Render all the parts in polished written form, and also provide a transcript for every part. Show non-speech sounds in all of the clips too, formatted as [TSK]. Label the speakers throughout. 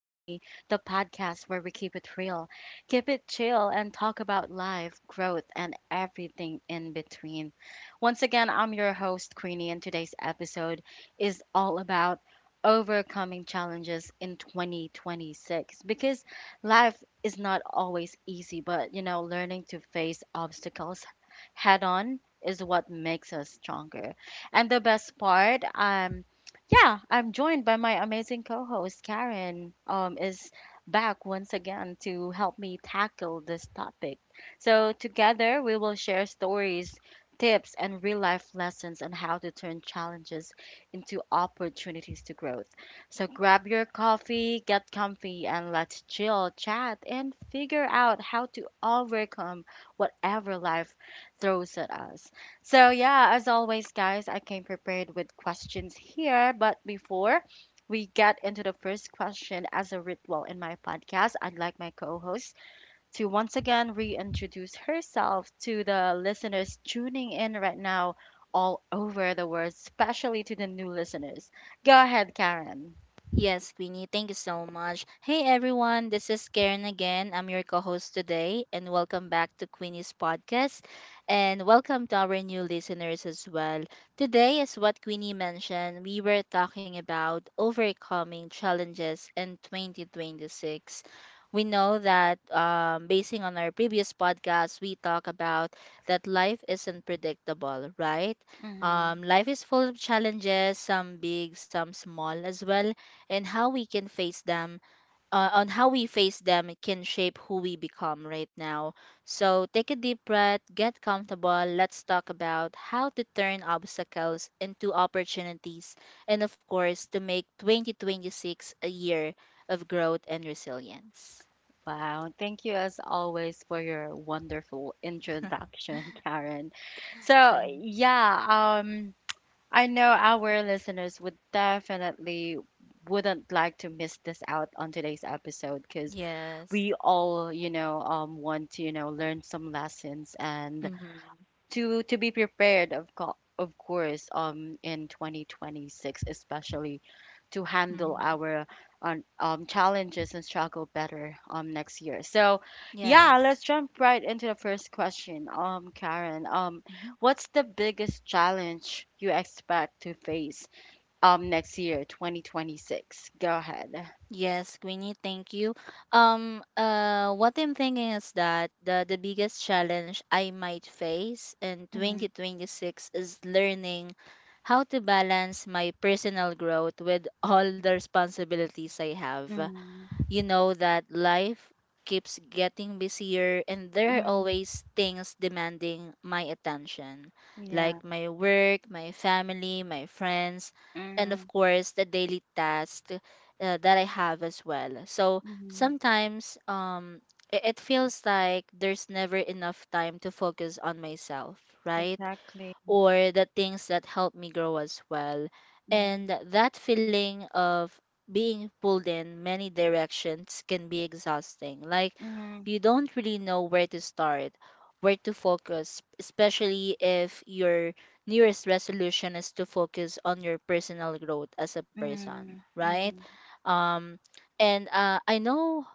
Speaker 1: the podcast where we keep it real, keep it chill, and talk about life, growth, and everything in between. Once again, I'm your host, Queenie, and today's episode is all about overcoming challenges in 2026, because life is not always easy, but learning to face obstacles head on is what makes us stronger. And the best part, yeah, I'm joined by my amazing co-host Karen. Is back once again to help me tackle this topic. So together we will share stories, tips, and real life lessons on how to turn challenges into opportunities to growth. So grab your coffee, get comfy, and let's chill, chat, and figure out how to overcome whatever life throws at us. So, yeah, as always, guys, I came prepared with questions here. But before we get into the first question, as a ritual in my podcast, I'd like my co host to once again reintroduce herself to the listeners tuning in right now all over the world, especially to the new listeners. Go ahead, Karen.
Speaker 2: Yes, Queenie, thank you so much. Hey everyone, this is Karen again. I'm your co host today, and welcome back to Queenie's podcast. And welcome to our new listeners as well. Today, as what Queenie mentioned, we were talking about overcoming challenges in 2026. We know that, basing on our previous podcast, we talk about that life isn't predictable, right?
Speaker 1: Hmm.
Speaker 2: Life is full of challenges, some big, some small as well, and how we can face them. On how we face them can shape who we become right now. So take a deep breath, get comfortable, let's talk about how to turn obstacles into opportunities, and of course to make 2026 a year of growth and resilience.
Speaker 1: Wow, thank you as always for your wonderful introduction, [LAUGHS] Karen. So, yeah, I know our listeners would definitely wouldn't like to miss this out on today's episode
Speaker 2: [LAUGHS]
Speaker 1: because
Speaker 2: Yes.
Speaker 1: we all, want to, learn some lessons and
Speaker 2: Mm-hmm.
Speaker 1: to be prepared of of course in 2026, especially to handle
Speaker 2: Mm-hmm.
Speaker 1: our challenges and struggle better next year. So yeah,
Speaker 2: Yes.
Speaker 1: let's jump right into the first question, Karen.
Speaker 2: Mm-hmm.
Speaker 1: What's the biggest challenge you expect to face next year, 2026? Go ahead.
Speaker 2: Yes, Queenie, thank you. What I'm thinking is that the biggest challenge I might face in
Speaker 1: Mm,
Speaker 2: 2026 is learning how to balance my personal growth with all the responsibilities I have.
Speaker 1: mm,
Speaker 2: You know that life keeps getting busier and there are
Speaker 1: mm,
Speaker 2: always things demanding my attention,
Speaker 1: yeah,
Speaker 2: like my work, my family, my friends, and of
Speaker 1: mm,
Speaker 2: course the daily tasks that I have as well. So
Speaker 1: mm,
Speaker 2: sometimes, it feels like there's never enough time to focus on myself, right?
Speaker 1: exactly,
Speaker 2: Or the things that help me grow as well.
Speaker 1: mm,
Speaker 2: And that feeling of being pulled in many directions can be exhausting. Like,
Speaker 1: mm.
Speaker 2: you don't really know where to start, where to focus, especially if your nearest resolution is to focus on your personal growth as a person,
Speaker 1: Mm,
Speaker 2: right?
Speaker 1: mhm,
Speaker 2: Um and I know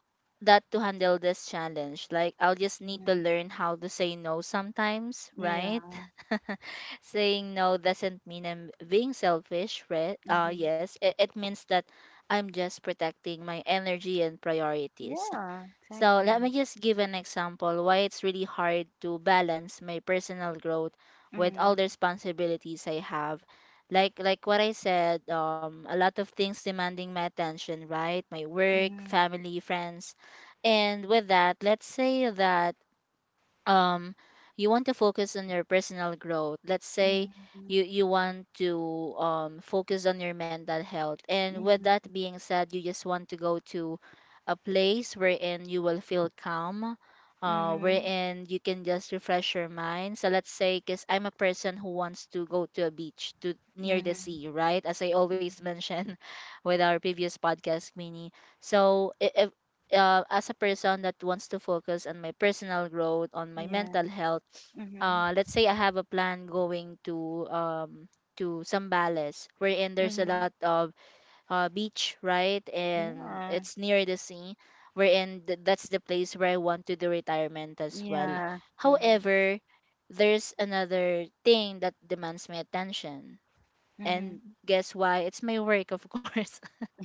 Speaker 2: that to handle this challenge, like, I'll just need to
Speaker 1: mhm.
Speaker 2: learn how to say no sometimes,
Speaker 1: Yeah.
Speaker 2: right? [LAUGHS] Saying no doesn't mean I'm being selfish, right?
Speaker 1: Mhm.
Speaker 2: Yes, it means that I'm just protecting my energy and priorities. [LAUGHS]
Speaker 1: Yeah,
Speaker 2: So let
Speaker 1: exactly.
Speaker 2: me just give an example why it's really hard to balance my personal growth with all the
Speaker 1: Mm,
Speaker 2: responsibilities I have. Like what I said, a lot of things demanding my attention, right? My work,
Speaker 1: mhm,
Speaker 2: family, friends, and with that, let's say that um you want to focus on your personal growth. Let's say
Speaker 1: mhm,
Speaker 2: you want to focus on your mental health, and with that
Speaker 1: mhm,
Speaker 2: being said, you just want to go to a place wherein you will feel calm,
Speaker 1: mhm,
Speaker 2: wherein you can just refresh your mind. So let's say, because I'm a person who wants to go to a beach, to near the
Speaker 1: mhm,
Speaker 2: sea, right, as I always
Speaker 1: mhm.
Speaker 2: mention [LAUGHS] with our previous podcast, mini. so i- as a person that wants to focus on my personal growth, on my
Speaker 1: Yeah.
Speaker 2: mental health,
Speaker 1: Mhm,
Speaker 2: let's say I have a plan going to Sambales, wherein there's a lot
Speaker 1: mhm.
Speaker 2: of beach, right, and
Speaker 1: Yeah.
Speaker 2: it's near the sea, that's the place where I want to do retirement as well.
Speaker 1: Yeah. Mhm,
Speaker 2: However, there's another thing that demands my attention. And
Speaker 1: mhm. [LAUGHS]
Speaker 2: guess why? It's my work, of [LAUGHS] course.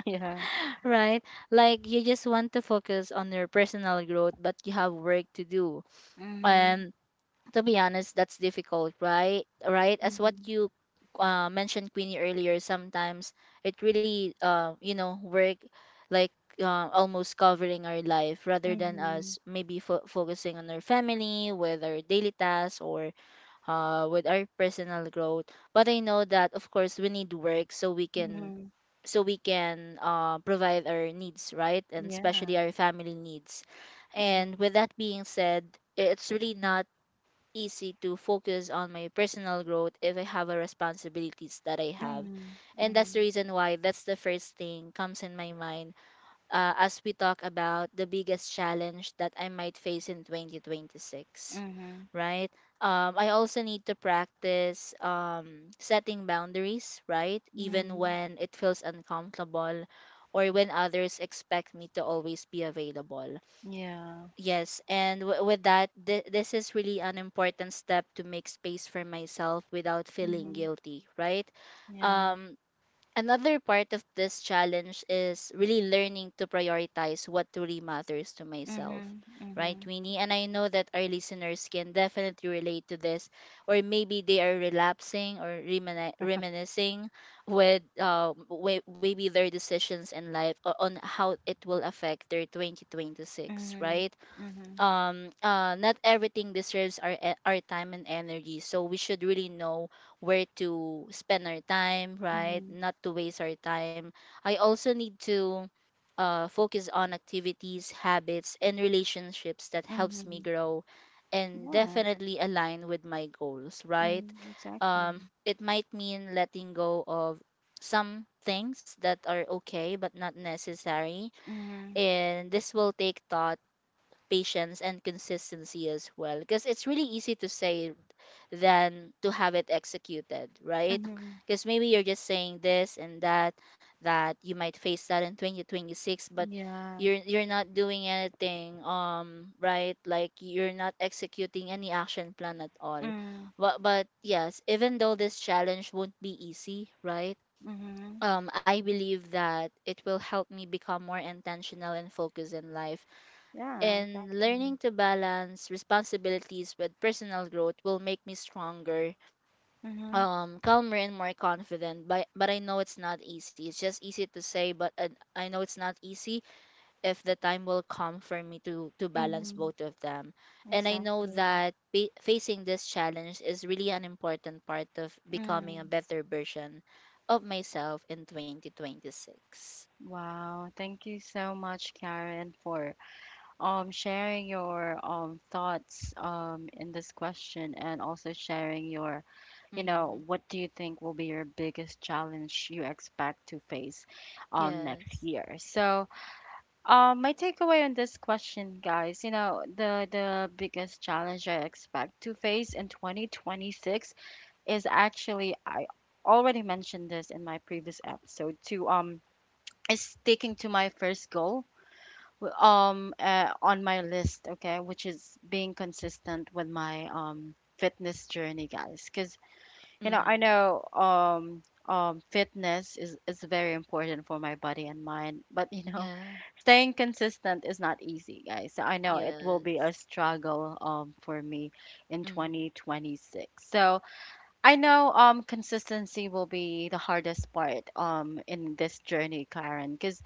Speaker 1: Yeah.
Speaker 2: Right? Like, you just want to focus on your personal growth, but you have work to do.
Speaker 1: Mhm,
Speaker 2: And to be honest, that's difficult, right? Right? As what you mentioned, Queenie, earlier, sometimes it really, work, like, almost covering our life
Speaker 1: mhm,
Speaker 2: rather than
Speaker 1: mhm,
Speaker 2: us maybe focusing on our family, whether daily tasks or with our personal growth. But I know that of course we need work so we can
Speaker 1: mhm.
Speaker 2: so we can provide our needs, right? And
Speaker 1: Yeah.
Speaker 2: especially our family needs.
Speaker 1: Mhm,
Speaker 2: And with that being said, it's really not easy to focus on my personal growth if I have a responsibilities that I have.
Speaker 1: mhm,
Speaker 2: And that's the
Speaker 1: mhm,
Speaker 2: reason why that's the first thing comes in my mind, as we talk about the biggest challenge that I might face in 2026,
Speaker 1: mhm,
Speaker 2: right? I also need to practice setting boundaries, right? Even
Speaker 1: mhm.
Speaker 2: when it feels uncomfortable or when others expect me to always be available.
Speaker 1: Yeah.
Speaker 2: Yes, and with that, this is really an important step to make space for myself without feeling
Speaker 1: Mhm.
Speaker 2: guilty, right?
Speaker 1: Yeah.
Speaker 2: Um, Another part of this challenge is really learning to prioritize what truly matters to myself,
Speaker 1: Mhm,
Speaker 2: right,
Speaker 1: mhm,
Speaker 2: Winnie? And I know that our listeners can definitely relate to this, or maybe they are relapsing or reminiscing with maybe their decisions in life on how it will affect their 2026,
Speaker 1: mhm,
Speaker 2: right?
Speaker 1: mhm.
Speaker 2: Not everything deserves our time and energy, so we should really know where to spend our time, right,
Speaker 1: Mhm,
Speaker 2: not to waste our time. I also need to focus on activities, habits and relationships that helps me
Speaker 1: mhm.
Speaker 2: grow and
Speaker 1: Yeah.
Speaker 2: definitely align with my goals, right?
Speaker 1: Mm, exactly.
Speaker 2: Um, it might mean letting go of some things that are okay but not necessary.
Speaker 1: Mhm,
Speaker 2: And this will take thought, patience and consistency as well, because it's really easy to say than to have it executed, right?
Speaker 1: mhm.
Speaker 2: Because maybe you're just saying this and that, that you might face that in 2026, but
Speaker 1: Yeah.
Speaker 2: you're not doing anything, right, like you're not executing any action plan at all.
Speaker 1: Mm,
Speaker 2: But yes, even though this challenge won't be easy, right,
Speaker 1: mhm.
Speaker 2: I believe that it will help me become more intentional and focused in life.
Speaker 1: Yeah,
Speaker 2: And
Speaker 1: exactly.
Speaker 2: learning to balance responsibilities with personal growth will make me stronger,
Speaker 1: Mhm,
Speaker 2: calmer, and more confident. But I know it's not easy. It's just easy to say, but I know it's not easy if the time will come for me to balance
Speaker 1: mhm.
Speaker 2: both of them. And I know
Speaker 1: Exactly.
Speaker 2: that facing this challenge is really an important part of becoming a
Speaker 1: Mm.
Speaker 2: better version of myself in 2026.
Speaker 1: Wow. Thank you so much, Karen, for sharing your thoughts in this question, and also sharing your, you
Speaker 2: Mm-hmm.
Speaker 1: know, what do you think will be your biggest challenge you expect to face next
Speaker 2: Yes.
Speaker 1: year. So, my takeaway on this question, guys, you know, the biggest challenge I expect to face in 2026 is, actually, I already mentioned this in my previous episode to is sticking to my first goal, on my list, okay, which is being consistent with my fitness journey, guys, because you know, I
Speaker 2: Mm-hmm.
Speaker 1: know fitness is very important for my body and mind, but [LAUGHS] you know,
Speaker 2: Yeah.
Speaker 1: staying consistent is not easy, guys. So I know it will be
Speaker 2: Yes.
Speaker 1: a struggle for me in
Speaker 2: Mm-hmm.
Speaker 1: 2026. So, I know consistency will be the hardest part in this journey, Karen, because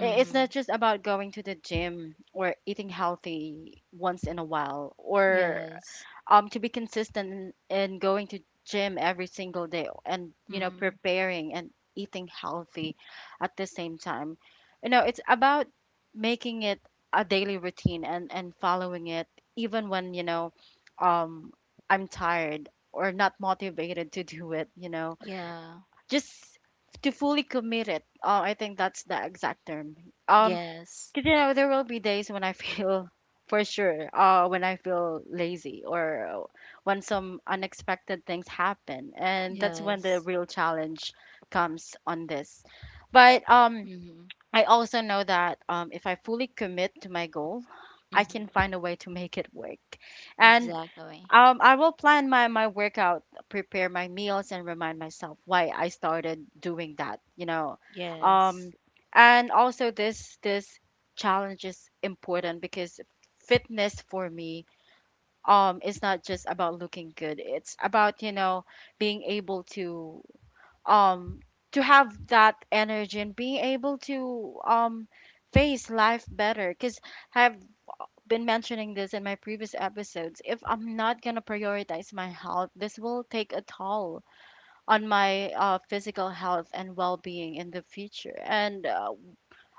Speaker 1: it's not just about going to the gym or eating healthy once in a while, or
Speaker 2: Yes.
Speaker 1: to be consistent in going to gym every single day, and you know,
Speaker 2: Mm-hmm.
Speaker 1: preparing and eating healthy at the same time. You know, it's about making it a daily routine and following it even when, you know, um I'm tired or not motivated to do it, you know,
Speaker 2: Yeah.
Speaker 1: just to fully commit it. I think that's the exact term. um
Speaker 2: Yes.
Speaker 1: because you know, there will be days when I feel [LAUGHS] for sure, when I feel lazy, or when some unexpected things happen, and that's when
Speaker 2: Yes.
Speaker 1: the real challenge comes on this. But
Speaker 2: Mm-hmm.
Speaker 1: I also know that if I fully commit to my goal, I can
Speaker 2: Mm-hmm.
Speaker 1: find a way to make it work. And
Speaker 2: Exactly.
Speaker 1: I will plan my, my workout, prepare my meals, and remind myself why I started doing that, you know.
Speaker 2: Yes.
Speaker 1: Um, and also, this challenge is important because fitness for me is not just about looking good. It's about, you know, being able um to have that energy, and being able to face life better, because have been mentioning this in my previous episodes. If I'm not going to prioritize my health, this will take a toll on my physical health and well being in the future. And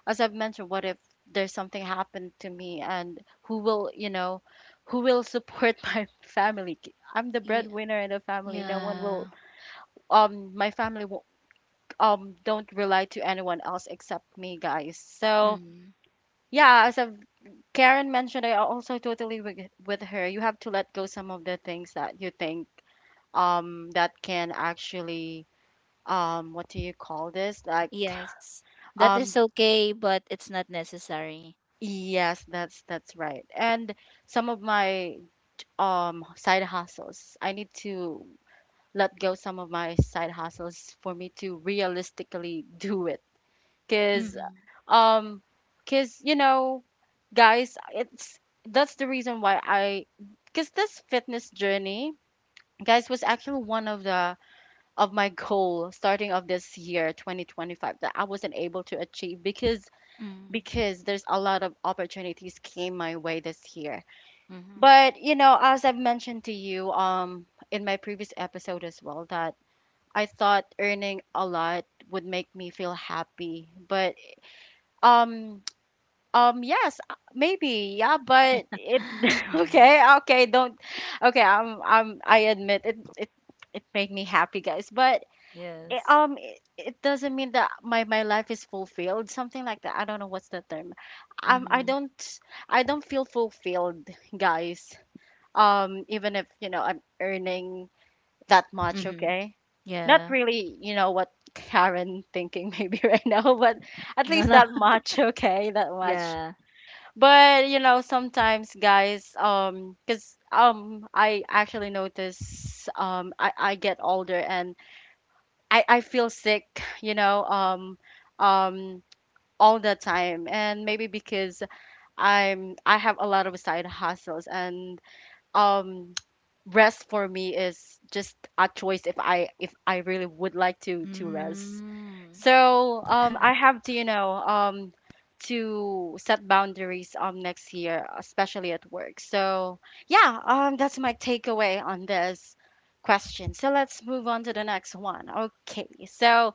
Speaker 1: as I've mentioned, what if there's something happened to me and who will, you know, who will support [LAUGHS] my family? I'm the
Speaker 2: Yeah.
Speaker 1: breadwinner in the family. No one will,
Speaker 2: Yeah.
Speaker 1: my family will, don't rely to anyone else except me, guys. So,
Speaker 2: Mm-hmm.
Speaker 1: yeah, as of Karen mentioned, I also totally with her. You have to let go some of the things that you think that can actually what do you call this? Like
Speaker 2: Yes, that
Speaker 1: um
Speaker 2: is okay, but it's not necessary.
Speaker 1: yes, that's right. And some of my side hustles, I need to let go some of my side hustles for me to realistically [LAUGHS] do it, because
Speaker 2: Mm-hmm.
Speaker 1: um because you know guys, it's that's the reason why I, because this fitness journey, guys, was actually one of the of my goal starting of this year 2025 that I wasn't able to achieve, because
Speaker 2: Mm-hmm.
Speaker 1: there's a lot of opportunities came my way this year.
Speaker 2: Mm-hmm.
Speaker 1: But you know, as I've mentioned to you, in my previous episode as well, that I thought earning a lot would make me feel happy, but um um, yes, maybe, yeah, but
Speaker 2: [LAUGHS]
Speaker 1: it [LAUGHS]
Speaker 2: Mm.
Speaker 1: okay, okay, don't okay, I admit it, it, it made me happy, guys, but it,
Speaker 2: Yes.
Speaker 1: it, it doesn't mean that my life is fulfilled, something like that. I don't know what's the term. Um, I
Speaker 2: Mm-hmm.
Speaker 1: don't, I don't feel fulfilled, guys. Even if you know, I'm earning that much,
Speaker 2: Mm-hmm.
Speaker 1: okay, not
Speaker 2: Yeah.
Speaker 1: really, you know what Karen thinking [LAUGHS] maybe right now, but at
Speaker 2: No, no.
Speaker 1: least that
Speaker 2: [LAUGHS]
Speaker 1: much, okay, that much.
Speaker 2: Yeah.
Speaker 1: But you know, sometimes guys, because I actually notice I get older, and I feel sick, you know, um, all the time, and maybe because I have a lot of side hustles, and um [TSK] rest for me is just a choice if I really would like to rest.
Speaker 2: Mm.
Speaker 1: So I have to, you know, to set boundaries next year, especially at work. So yeah, that's my takeaway on this question. So let's move on to the next one. Okay. So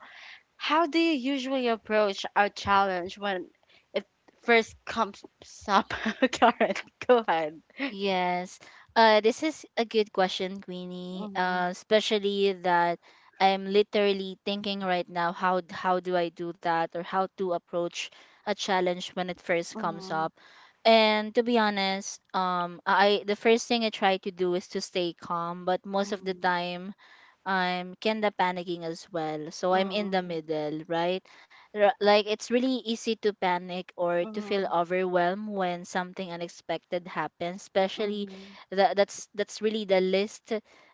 Speaker 1: how do you usually approach a challenge when it first comes up? [LAUGHS] Karen, go ahead.
Speaker 2: Yes. This is a good question, Queenie. Especially that I'm literally thinking right now how do I do that, or how to approach a challenge when it first comes
Speaker 1: Mm-hmm.
Speaker 2: up. And to be honest, I the first thing I try to do is to stay calm, but most of the
Speaker 1: Mm,
Speaker 2: time I'm kinda panicking as well. So I'm in the
Speaker 1: mm,
Speaker 2: middle, right? Like, it's really easy to panic or to feel
Speaker 1: mhm,
Speaker 2: overwhelmed when something unexpected happens, especially
Speaker 1: mhm,
Speaker 2: that that's really the list,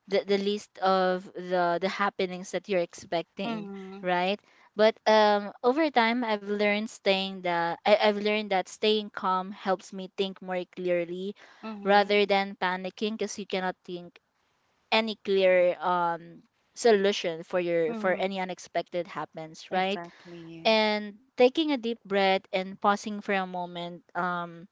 Speaker 2: the list of the happenings that you're expecting,
Speaker 1: mhm,
Speaker 2: right? But um, over time I've learned staying that I've learned that staying calm helps me think more clearly
Speaker 1: mhm,
Speaker 2: rather than panicking, because you cannot think any clear solution for your for
Speaker 1: mhm.
Speaker 2: any unexpected happens, right?
Speaker 1: Exactly.
Speaker 2: And taking a deep breath and pausing for a moment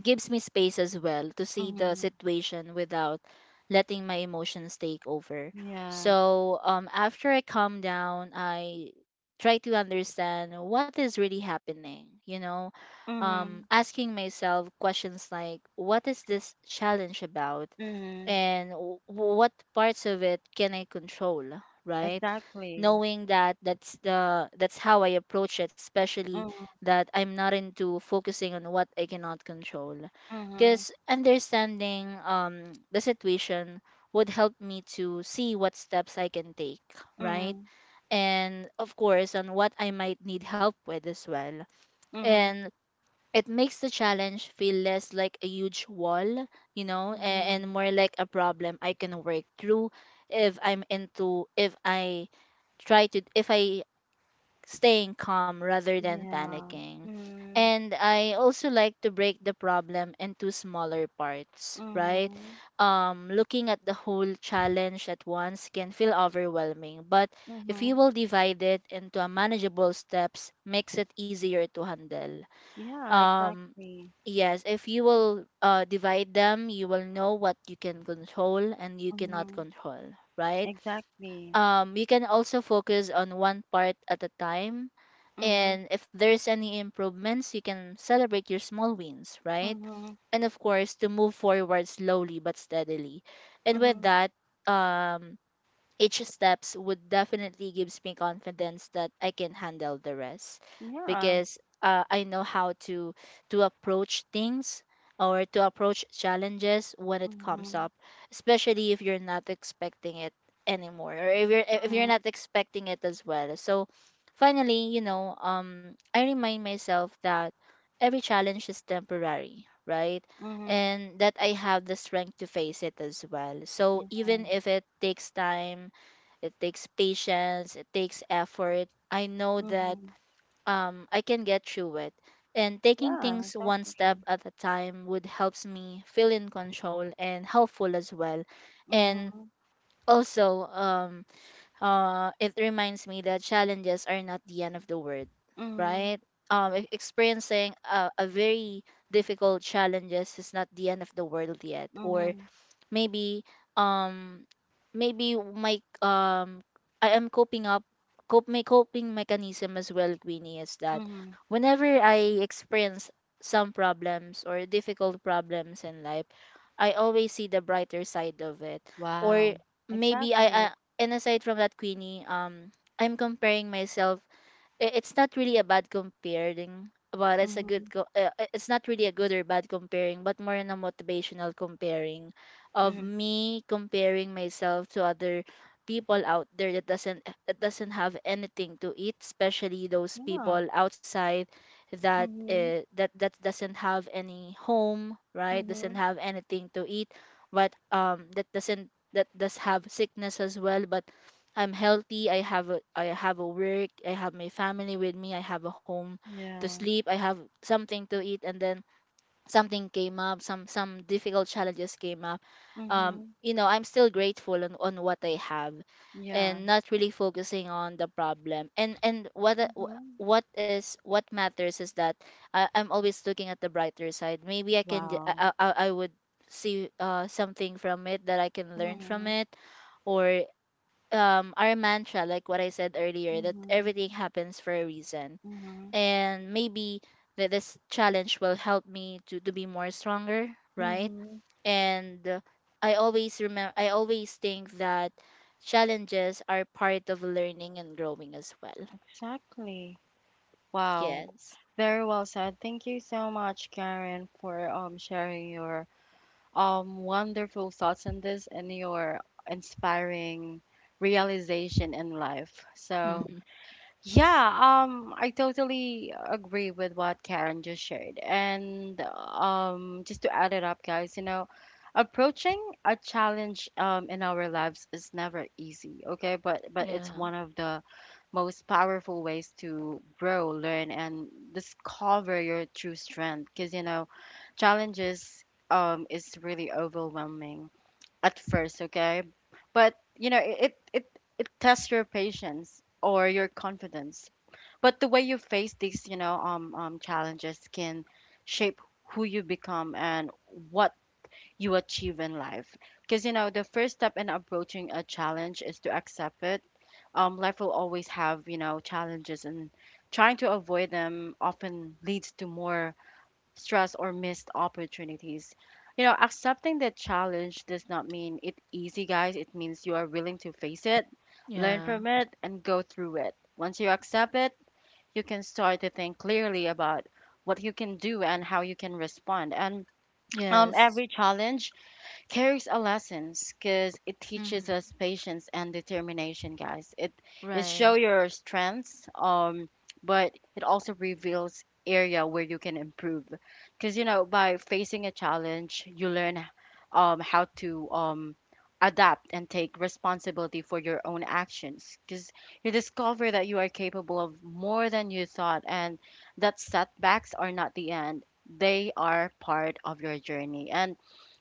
Speaker 2: gives me space as well to see the
Speaker 1: Mhm,
Speaker 2: situation without letting my emotions take over.
Speaker 1: yeah.
Speaker 2: So after I calm down, I try to understand what is really happening, you know,
Speaker 1: Mhm,
Speaker 2: asking myself questions like, what is this challenge about?
Speaker 1: mhm,
Speaker 2: And what parts of it can I control, right?
Speaker 1: exactly.
Speaker 2: Knowing that that's the that's how I approach it, especially
Speaker 1: Mhm,
Speaker 2: that I'm not into focusing on what I cannot control.
Speaker 1: mhm,
Speaker 2: Because understanding the situation would help me to see what steps I can take, right?
Speaker 1: mhm,
Speaker 2: And of course, on what I might need help with as well.
Speaker 1: mhm,
Speaker 2: And it makes the challenge feel less like a huge wall, you know, and
Speaker 1: mhm.
Speaker 2: more like a problem I can work through if I'm into, if I try to, if I staying calm rather than
Speaker 1: Yeah.
Speaker 2: panicking.
Speaker 1: Mhm,
Speaker 2: And I also like to break the problem into smaller parts, right?
Speaker 1: mhm,
Speaker 2: Looking at the whole challenge at once can feel overwhelming, but if you
Speaker 1: mhm.
Speaker 2: will divide it into a manageable steps, makes it easier to handle.
Speaker 1: Yeah,
Speaker 2: Um,
Speaker 1: exactly.
Speaker 2: yes, if you will divide them, you will know what you can control and you cannot
Speaker 1: Mhm,
Speaker 2: control, right?
Speaker 1: exactly.
Speaker 2: Um, you can also focus on one part at a time.
Speaker 1: Mhm,
Speaker 2: And if there's any improvements, you can celebrate your small wins, right?
Speaker 1: mhm,
Speaker 2: And of course, to move forward slowly but steadily. And with
Speaker 1: mhm.
Speaker 2: that, um, each steps would definitely gives me confidence that I can handle the rest,
Speaker 1: Yeah.
Speaker 2: because I know how to approach things, or to approach challenges when it comes
Speaker 1: Mhm,
Speaker 2: up, especially if you're not expecting it anymore, or if you're
Speaker 1: mhm,
Speaker 2: not expecting it as well. So finally, you know, I remind myself that every challenge is temporary, right?
Speaker 1: mhm.
Speaker 2: And that I have the strength to face it as well. So
Speaker 1: Yeah.
Speaker 2: even if it takes time, it takes patience, it takes effort, I know that
Speaker 1: Mhm.
Speaker 2: I can get through it. And taking
Speaker 1: Yeah,
Speaker 2: things one step
Speaker 1: exactly.
Speaker 2: at a time would helps me feel in control and helpful as well. And
Speaker 1: Mhm,
Speaker 2: also, it reminds me that challenges are not the end of the world, right?
Speaker 1: mhm,
Speaker 2: Experiencing a very difficult challenges is not the end of the world yet, or
Speaker 1: mhm,
Speaker 2: maybe um maybe my I am coping up cope my coping mechanism as well, Queenie, is that
Speaker 1: mhm.
Speaker 2: whenever I experience some problems or difficult problems in life, I always see the brighter side of it. Or
Speaker 1: Wow.
Speaker 2: maybe
Speaker 1: Exactly.
Speaker 2: I And aside from that, Queenie, I'm comparing myself, it's not really a bad comparing, but it's a
Speaker 1: Mhm,
Speaker 2: it's not really a good or bad comparing, but more in a motivational comparing of
Speaker 1: mhm.
Speaker 2: me comparing myself to other people out there that doesn't have anything to eat, especially those
Speaker 1: Yeah.
Speaker 2: people outside that uh,
Speaker 1: Mhm,
Speaker 2: that that doesn't have any home, right? Doesn't
Speaker 1: mhm.
Speaker 2: have anything to eat, but that doesn't that does have sickness as well. But I'm healthy. I have a work. I have my family with me. I have a home to
Speaker 1: Yeah.
Speaker 2: sleep. I have something to eat. And then something came up. Some difficult challenges came up.
Speaker 1: Mhm.
Speaker 2: I'm still grateful on what I have,
Speaker 1: Yeah.
Speaker 2: and not really focusing on the problem. And what I- wh-
Speaker 1: Mhm.
Speaker 2: what is what matters is that I'm always looking at the brighter side. Maybe
Speaker 1: Wow.
Speaker 2: I would see something from it that I can learn from
Speaker 1: Mhm,
Speaker 2: it. Or our mantra, like what I said earlier, that
Speaker 1: mhm,
Speaker 2: everything happens for a reason.
Speaker 1: mhm,
Speaker 2: And maybe that this challenge will help me to be more stronger, right?
Speaker 1: mhm.
Speaker 2: And I always think that challenges are part of learning and growing as well.
Speaker 1: Exactly. Wow.
Speaker 2: Yes.
Speaker 1: Very well said. Thank you so much, Karen, for sharing your wonderful thoughts on this and your inspiring realization in life. So
Speaker 2: Mm-hmm.
Speaker 1: yeah, I totally agree with what Karen just shared. And just to add it up, guys, you know, approaching a challenge in our lives is never easy, okay? But it's
Speaker 2: Yeah,
Speaker 1: one of the most powerful ways to grow, learn, and discover your true strength. Because you know, challenges is really overwhelming at first, okay? But you know, it tests your patience or your confidence. But the way you face these, you know, challenges can shape who you become and what you achieve in life. Because you know, the first step in approaching a challenge is to accept it. Life will always have, you know, challenges, and trying to avoid them often leads to more stress or missed opportunities. You know, accepting the challenge does not mean it easy, guys. It means you are willing to face it, learn
Speaker 2: yeah.
Speaker 1: from it, and go through it. Once you accept it, you can start to think clearly about what you can do and how you can respond. And
Speaker 2: Yes.
Speaker 1: every challenge carries a lessons because it teaches
Speaker 2: Mm-hmm.
Speaker 1: us patience and determination, guys. It show
Speaker 2: Right.
Speaker 1: your strengths, but it also reveals area where you can improve. Because you know, by facing a challenge, you learn how to adapt and take responsibility for your own actions. Because you discover that you are capable of more than you thought, and that setbacks are not the end. They are part of your journey. And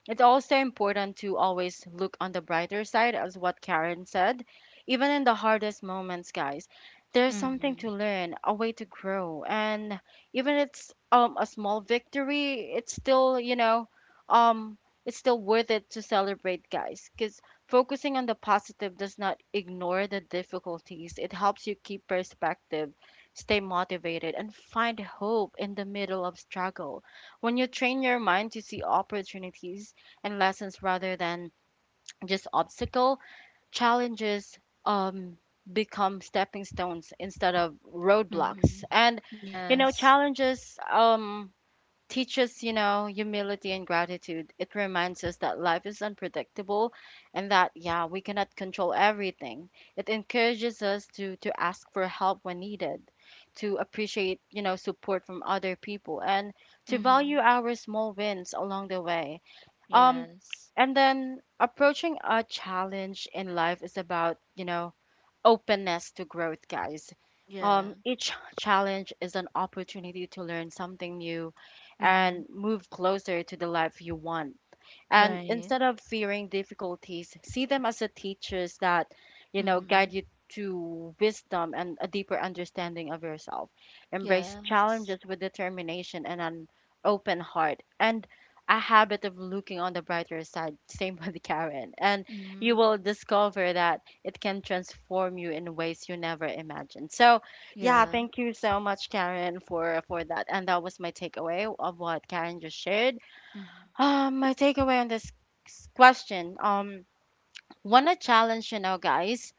Speaker 1: it's also important to always look on the brighter side, as what Karen said. Even in the hardest moments, guys, there's something
Speaker 2: Mm-hmm.
Speaker 1: to learn, a way to grow, and even it's a small victory, it's still you know um it's still worth it to celebrate, guys, because focusing on the positive does not ignore the difficulties. It helps you keep perspective, stay motivated, and find hope in the middle of struggle. When you train your mind to see opportunities and lessons rather than just obstacle challenges, um become stepping stones instead of
Speaker 2: Mm-hmm.
Speaker 1: roadblocks. And you know,
Speaker 2: Yes.
Speaker 1: challenges, teaches, you know, humility and gratitude. It reminds us that life is unpredictable, and that, yeah, we cannot control everything. It encourages us to ask for help when needed, to appreciate, you know, support from other people, and to value
Speaker 2: Mm-hmm.
Speaker 1: our small wins along the way. um,
Speaker 2: Yes.
Speaker 1: and then approaching a challenge in life is about, you know, openness to growth, guys.
Speaker 2: Yeah.
Speaker 1: Each challenge is an opportunity to learn something new
Speaker 2: Mm-hmm.
Speaker 1: and move closer to the life you want. And
Speaker 2: Right.
Speaker 1: instead of fearing difficulties, see them as a teachers that, you know, guide
Speaker 2: Mm-hmm.
Speaker 1: you to wisdom and a deeper understanding of yourself. Embrace
Speaker 2: Yes.
Speaker 1: challenges with determination and an open heart, and a habit of looking on the brighter side [LAUGHS] same with Karen, and you
Speaker 2: Mm-hmm.
Speaker 1: will discover that it can transform you in ways you never imagined. So, yeah,
Speaker 2: Yeah.
Speaker 1: thank you so much, Karen, for that. And that was my takeaway of what Karen just shared.
Speaker 2: Mm-hmm.
Speaker 1: My takeaway on this question, when a challenge, you know, guys,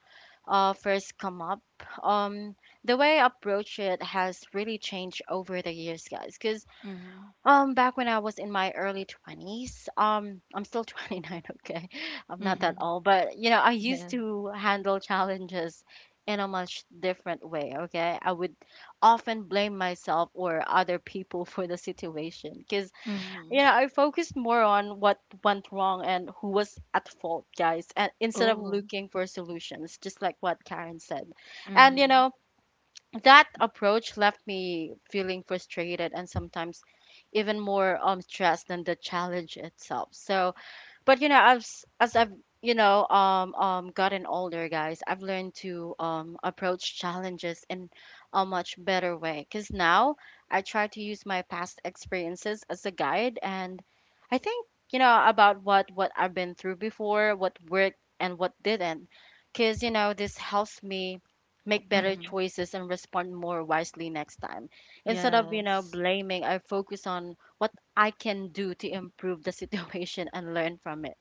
Speaker 1: first come up, um, the way I approach it has really changed over the years, guys. Cause
Speaker 2: Mm-hmm.
Speaker 1: back when I was in my early twenties, I'm still 29, [LAUGHS] okay, I'm not that
Speaker 2: Mm-hmm.
Speaker 1: old, but you know, I used
Speaker 2: Yeah.
Speaker 1: to handle challenges in a much different way, okay. I would often blame myself or other people [LAUGHS] for the situation, cause.
Speaker 2: Mm-hmm.
Speaker 1: Yeah, I focused more on what went wrong and who was at fault, guys, and instead of
Speaker 2: Oh.
Speaker 1: looking for solutions, just like what Karen said. And you
Speaker 2: Mm-hmm.
Speaker 1: know, that approach left me feeling frustrated, and sometimes even more stressed than the challenge itself. So, but you know, as I've, you know, gotten older, guys, I've learned to approach challenges in a much better way. Cause now I try to use my past experiences as a guide, and I think, you know, about what I've been through before, what worked and what didn't. Cause you know this helps me make better
Speaker 2: Mm-hmm.
Speaker 1: choices and respond more wisely next time. Instead of, you know,
Speaker 2: Yes.
Speaker 1: blaming, I focus on what I can do to improve the [LAUGHS] situation and learn from it.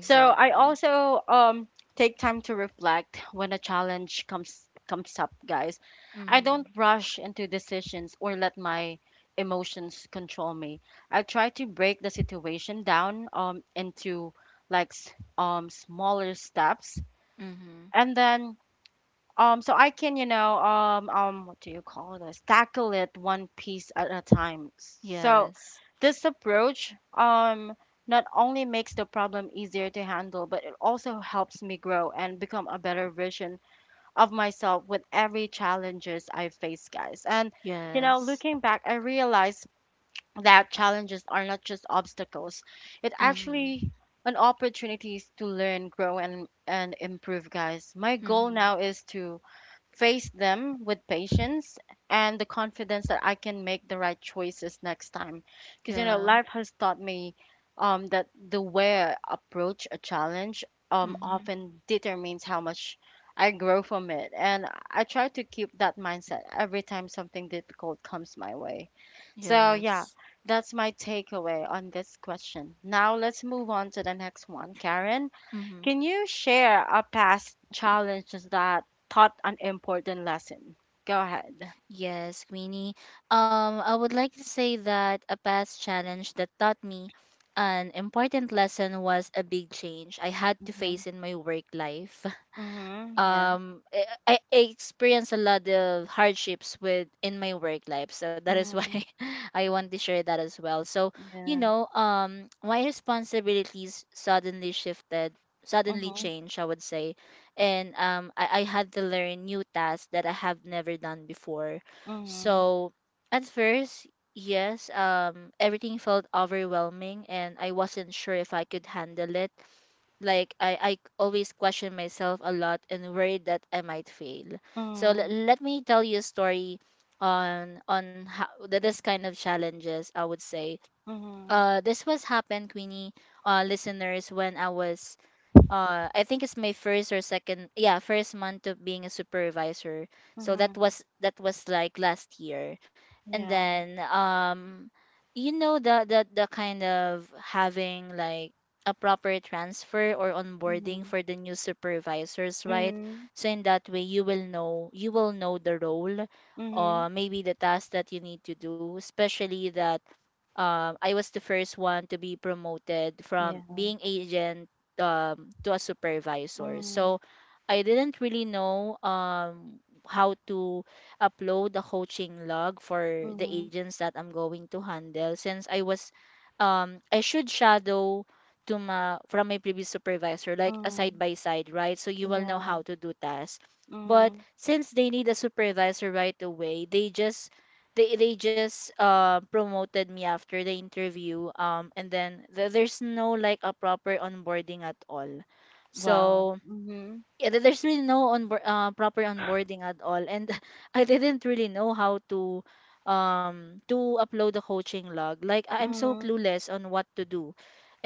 Speaker 1: So I also take time to reflect when a challenge comes up, guys. I don't
Speaker 2: Mm-hmm.
Speaker 1: rush into decisions or let my emotions control me. I try to break the situation down into like smaller steps,
Speaker 2: Mm-hmm.
Speaker 1: and then so I can, you know, what do you call this? Tackle it one piece at a time. So
Speaker 2: Yes.
Speaker 1: this approach, not only makes the problem easier to handle, but it also helps me grow and become a better version of myself with every challenges I face, guys. And, you know,
Speaker 2: Yes.
Speaker 1: looking back, I realized that challenges are not just obstacles. It actually
Speaker 2: Mm-hmm.
Speaker 1: an opportunities to learn, grow, and improve, guys. My goal now
Speaker 2: Mm-hmm.
Speaker 1: is to face them with patience and the confidence that I can make the right choices next time. Because, you know,
Speaker 2: Yeah.
Speaker 1: life has taught me that the way I approach a challenge
Speaker 2: Mm-hmm.
Speaker 1: often determines how much I grow from it. And I try to keep that mindset every time something difficult comes my way. So,
Speaker 2: Yes.
Speaker 1: yeah, that's my takeaway on this question. Now, let's move on to the next one. Karen?
Speaker 2: Mm-hmm.
Speaker 1: Can you share a past challenge that taught an important lesson? Go ahead.
Speaker 2: Yes, Queenie. I would like to say that a past challenge that taught me an important lesson was a big change I had to
Speaker 1: Mhm.
Speaker 2: face in my work life.
Speaker 1: Mhm. Yeah.
Speaker 2: I experience a lot of hardships with in my work life, so that is why
Speaker 1: Mhm.
Speaker 2: [LAUGHS] I want to share that as well. So
Speaker 1: Yeah.
Speaker 2: my responsibilities suddenly shifted, suddenly
Speaker 1: Mhm.
Speaker 2: changed, I would say. And I had to learn new tasks that I have never done before.
Speaker 1: Mhm.
Speaker 2: So at first, yes, everything felt overwhelming and I wasn't sure if I could handle it, like I always question myself a lot and worried that I might fail. So
Speaker 1: Mhm.
Speaker 2: let me tell you a story on how that this kind of challenges, I would say.
Speaker 1: Mhm.
Speaker 2: This was happened, Queenie, listeners, when I was I think it's my first or second, yeah, first month of being a supervisor. So that
Speaker 1: Mhm.
Speaker 2: was that was like last year. And
Speaker 1: Yeah.
Speaker 2: then, the the kind of having, like, a proper transfer or onboarding
Speaker 1: Mhm.
Speaker 2: for the new supervisors, right?
Speaker 1: Mhm.
Speaker 2: So in that way you will know the role,
Speaker 1: Mhm.
Speaker 2: or maybe the task that you need to do, especially that, I was the first one to be promoted from
Speaker 1: Yeah.
Speaker 2: being agent to a supervisor.
Speaker 1: Mhm.
Speaker 2: So I didn't really know how to upload the coaching log for the
Speaker 1: Mhm.
Speaker 2: agents that I'm going to handle, since I was I should shadow to my, from my previous supervisor, like a side
Speaker 1: Mhm.
Speaker 2: by side, right? So you will know
Speaker 1: Yeah.
Speaker 2: how to do tasks. But
Speaker 1: Mhm.
Speaker 2: since they need a supervisor right away, they just, promoted me after the interview, and then there's no, like, a proper onboarding at all.
Speaker 1: Wow.
Speaker 2: So
Speaker 1: Mhm.
Speaker 2: yeah, there's really no onboard proper onboarding at all, and [LAUGHS] I didn't really know how to upload the coaching log. Like, I'm so
Speaker 1: Mhm.
Speaker 2: clueless on what to do.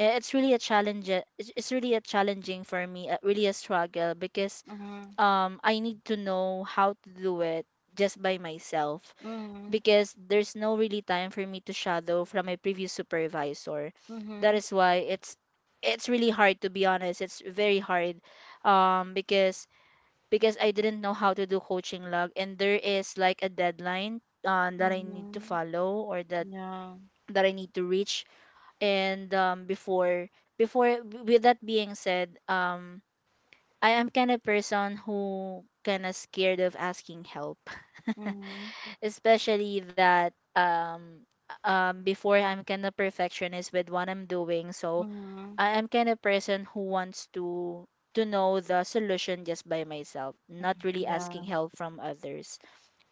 Speaker 2: It's really a challenge. It's really a challenging for me, really a struggle, because
Speaker 1: Mhm.
Speaker 2: I need to know how to do it just by myself,
Speaker 1: Mhm.
Speaker 2: because there's no really time for me to shadow from my previous supervisor. That
Speaker 1: Mhm.
Speaker 2: is why it's really hard, to be honest. It's very hard, because I didn't know how to do coaching log, and there is, like, a deadline, that I need to
Speaker 1: Mhm.
Speaker 2: follow, or that
Speaker 1: Yeah.
Speaker 2: that I need to reach. And before before with that being said, I am kind of person who kind of scared of asking help. [LAUGHS]
Speaker 1: Mhm.
Speaker 2: Especially that, before, I'm kind of perfectionist with what I'm doing, so
Speaker 1: Mhm.
Speaker 2: I am kind of person who wants to know the solution just by myself, not really asking
Speaker 1: Yeah.
Speaker 2: help from others.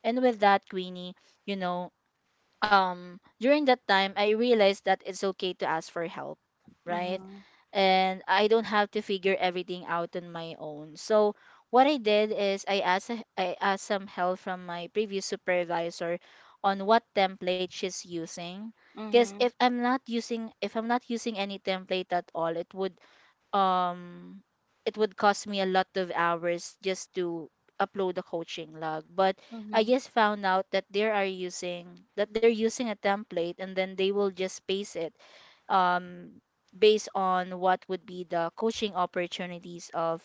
Speaker 2: And with that, Queenie, you know during that time I realized that it's okay to ask for help, right?
Speaker 1: Mhm.
Speaker 2: And I don't have to figure everything out on my own. So what I did is I asked some help from my previous supervisor on what template she's using, because
Speaker 1: Mhm,
Speaker 2: if I'm not using any template at all, um it would cost me a lot of hours just to upload a coaching log. But I
Speaker 1: mhm,
Speaker 2: just found out that they are using that they're using a template, and then they will just paste it um based on what would be the coaching opportunities of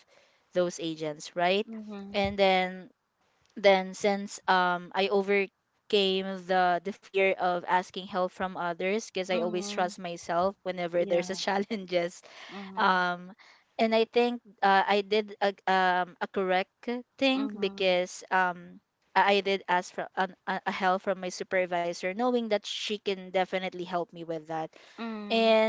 Speaker 2: those agents, right?
Speaker 1: mhm,
Speaker 2: And then, since I overcame the fear of asking help from others, because I always trust
Speaker 1: mhm.
Speaker 2: myself whenever there's a
Speaker 1: Yeah.
Speaker 2: [LAUGHS] challenges.
Speaker 1: Mhm,
Speaker 2: um and I think, I did a correct thing,
Speaker 1: mhm,
Speaker 2: because I did ask for an, a help from my supervisor, knowing that she can definitely help me with that.
Speaker 1: mhm.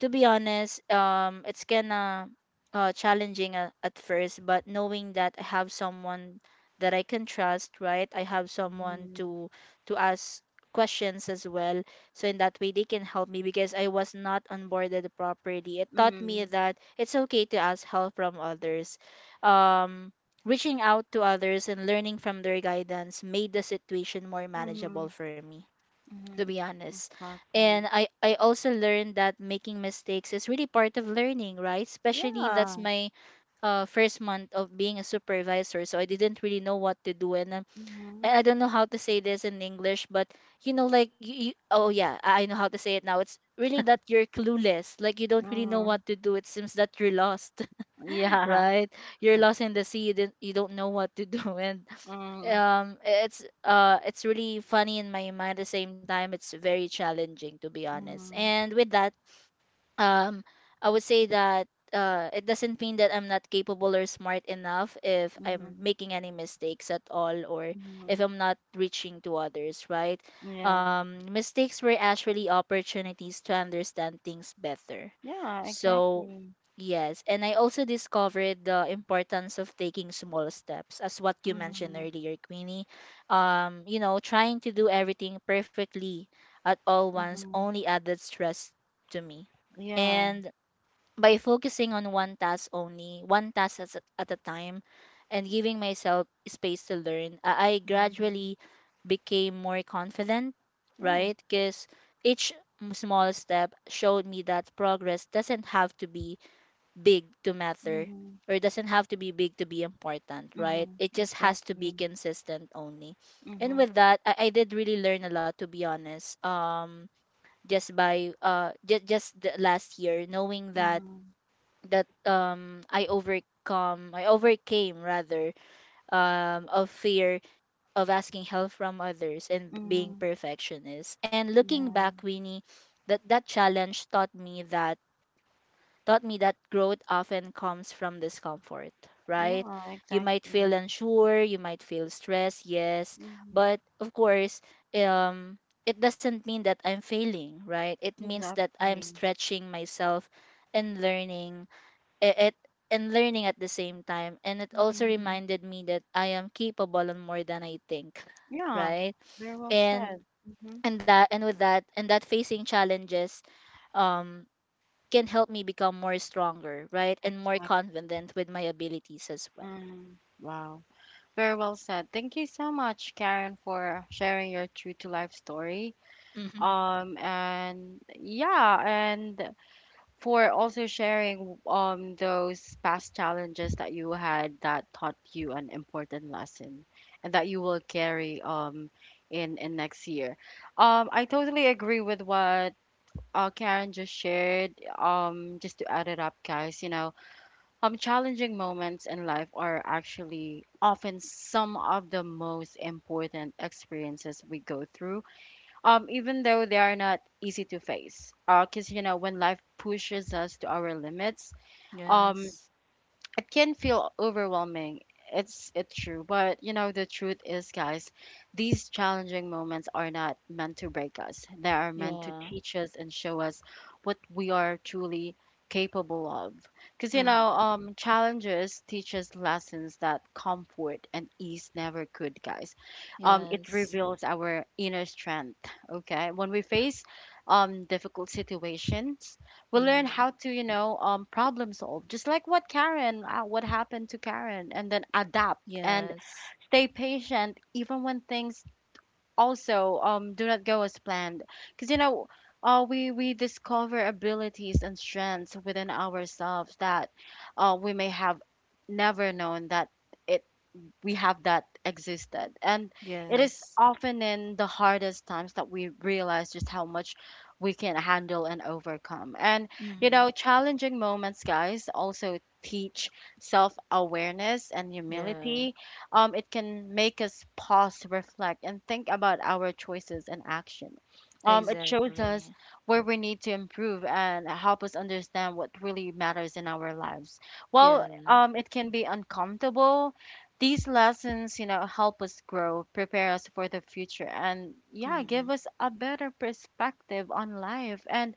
Speaker 2: To be honest, it's kinda, challenging at first, but knowing that I have someone that I can trust, right? I have someone
Speaker 1: Mm,
Speaker 2: to ask questions as well, so in that way they can help me, because I was not onboarded properly. It taught me
Speaker 1: mm,
Speaker 2: that it's okay to ask help from others. Um, Reaching out to others and learning from their guidance made the situation more manageable
Speaker 1: mhm,
Speaker 2: for me, to
Speaker 1: mhm.
Speaker 2: be honest. And
Speaker 1: Exactly.
Speaker 2: I also learned that making mistakes is really part of learning, right? Especially that's
Speaker 1: Yeah.
Speaker 2: my first month of being a supervisor. So I didn't really know what to do. And
Speaker 1: Mhm,
Speaker 2: I don't know how to say this in English, but like, oh yeah, I know how to say it now. It's really that you're clueless. Like, you don't really know what
Speaker 1: mhm.
Speaker 2: to do. It seems that you're lost. [LAUGHS]
Speaker 1: [LAUGHS] Yeah. Mm,
Speaker 2: Right, you're lost in the sea, you don't know what to do. [LAUGHS] And it's really funny in my mind. At the same time, it's very challenging, to be honest. And with that, um I would say that it doesn't mean that I'm not capable or smart enough if
Speaker 1: mhm,
Speaker 2: I'm
Speaker 1: mhm,
Speaker 2: making any mistakes at all, or if
Speaker 1: mhm.
Speaker 2: I'm not reaching to others, right?
Speaker 1: Yeah.
Speaker 2: Mistakes were actually opportunities to understand things better.
Speaker 1: Yeah,
Speaker 2: So
Speaker 1: exactly.
Speaker 2: yes. And I also discovered the importance of taking small steps, as what you mentioned
Speaker 1: Mhm,
Speaker 2: earlier, Queenie. Trying to do everything perfectly at all once
Speaker 1: mhm.
Speaker 2: only added stress to me.
Speaker 1: Yeah.
Speaker 2: And by focusing on one task only, one task at a time, and giving myself space to learn, I
Speaker 1: Mhm.
Speaker 2: gradually became more confident,
Speaker 1: Yeah.
Speaker 2: right? Because each small step showed me that progress doesn't have to be big to matter,
Speaker 1: Mhm,
Speaker 2: or doesn't have to be big to be important, right?
Speaker 1: mhm.
Speaker 2: It just has to be
Speaker 1: Exactly.
Speaker 2: consistent only. And
Speaker 1: Mhm,
Speaker 2: with that, I did really learn a lot, to be honest. Just by just just the last year, knowing that
Speaker 1: mhm,
Speaker 2: that I overcome, I overcame rather, of fear of asking help from others and being
Speaker 1: mhm.
Speaker 2: perfectionist. And looking back,
Speaker 1: Yeah.
Speaker 2: Winnie, that challenge taught me that, taught me that growth often comes from discomfort, right?
Speaker 1: Yeah,
Speaker 2: You might feel
Speaker 1: exactly.
Speaker 2: unsure, you might feel stressed, yes,
Speaker 1: Hmm.
Speaker 2: but of course, um, it doesn't mean that I'm failing, right? It means that I'm
Speaker 1: Exactly.
Speaker 2: stretching myself and learning, I- it and learning at the same time. And it also
Speaker 1: Mm.
Speaker 2: reminded me that I am capable and more than I think,
Speaker 1: Yeah,
Speaker 2: right?
Speaker 1: very well
Speaker 2: And
Speaker 1: said. Hmm.
Speaker 2: and that and with that and that facing challenges, um can help me become more stronger, right? And more
Speaker 1: Exactly.
Speaker 2: confident with my abilities as well. [LAUGHS]
Speaker 1: Mm. Wow. Very well said. Thank you so much, Karen, for sharing your true to life story.
Speaker 2: Mhm.
Speaker 1: And yeah, and for also sharing those past challenges that you had that taught you an important lesson and that you will carry in next year. I totally agree with what Karen just shared. Just to add it up, guys, you know, challenging moments in life are actually often some of the most important experiences we go through, even though they are not easy to face. Because, you know, when life pushes us to our limits, um,
Speaker 2: Yes.
Speaker 1: it can feel overwhelming. It's true, but you know the truth is, guys, these challenging moments are not meant to break us. They are
Speaker 2: Yeah.
Speaker 1: meant to teach us and show us what we are truly capable of. Because you know,
Speaker 2: Mm.
Speaker 1: challenges teach us lessons that comfort and ease never could, guys. It
Speaker 2: Yes.
Speaker 1: reveals our inner strength. Okay, when we face difficult situations, we learn
Speaker 2: Mm.
Speaker 1: how to, you know, problem solve, just like what Karen, what happened to Karen, and then adapt and
Speaker 2: Yes.
Speaker 1: stay patient even when things also, do not go as planned. Because you know, we discover abilities and strengths within ourselves that, we may have never known that it we have, that existed. And it is
Speaker 2: Yes.
Speaker 1: often in the hardest times that we realize just how much we can handle and overcome. And, you
Speaker 2: Mm.
Speaker 1: know, challenging moments, guys, also teach self-awareness and
Speaker 2: Yeah.
Speaker 1: humility. It can make us pause, reflect, and think about our choices and action. It shows
Speaker 2: Exactly.
Speaker 1: us where we need to improve and help us understand what really matters in our lives. Well,
Speaker 2: Yeah.
Speaker 1: it can be uncomfortable, these lessons, you know, help us grow, prepare us for the future, and yeah, give
Speaker 2: Mm.
Speaker 1: us a better perspective on life. And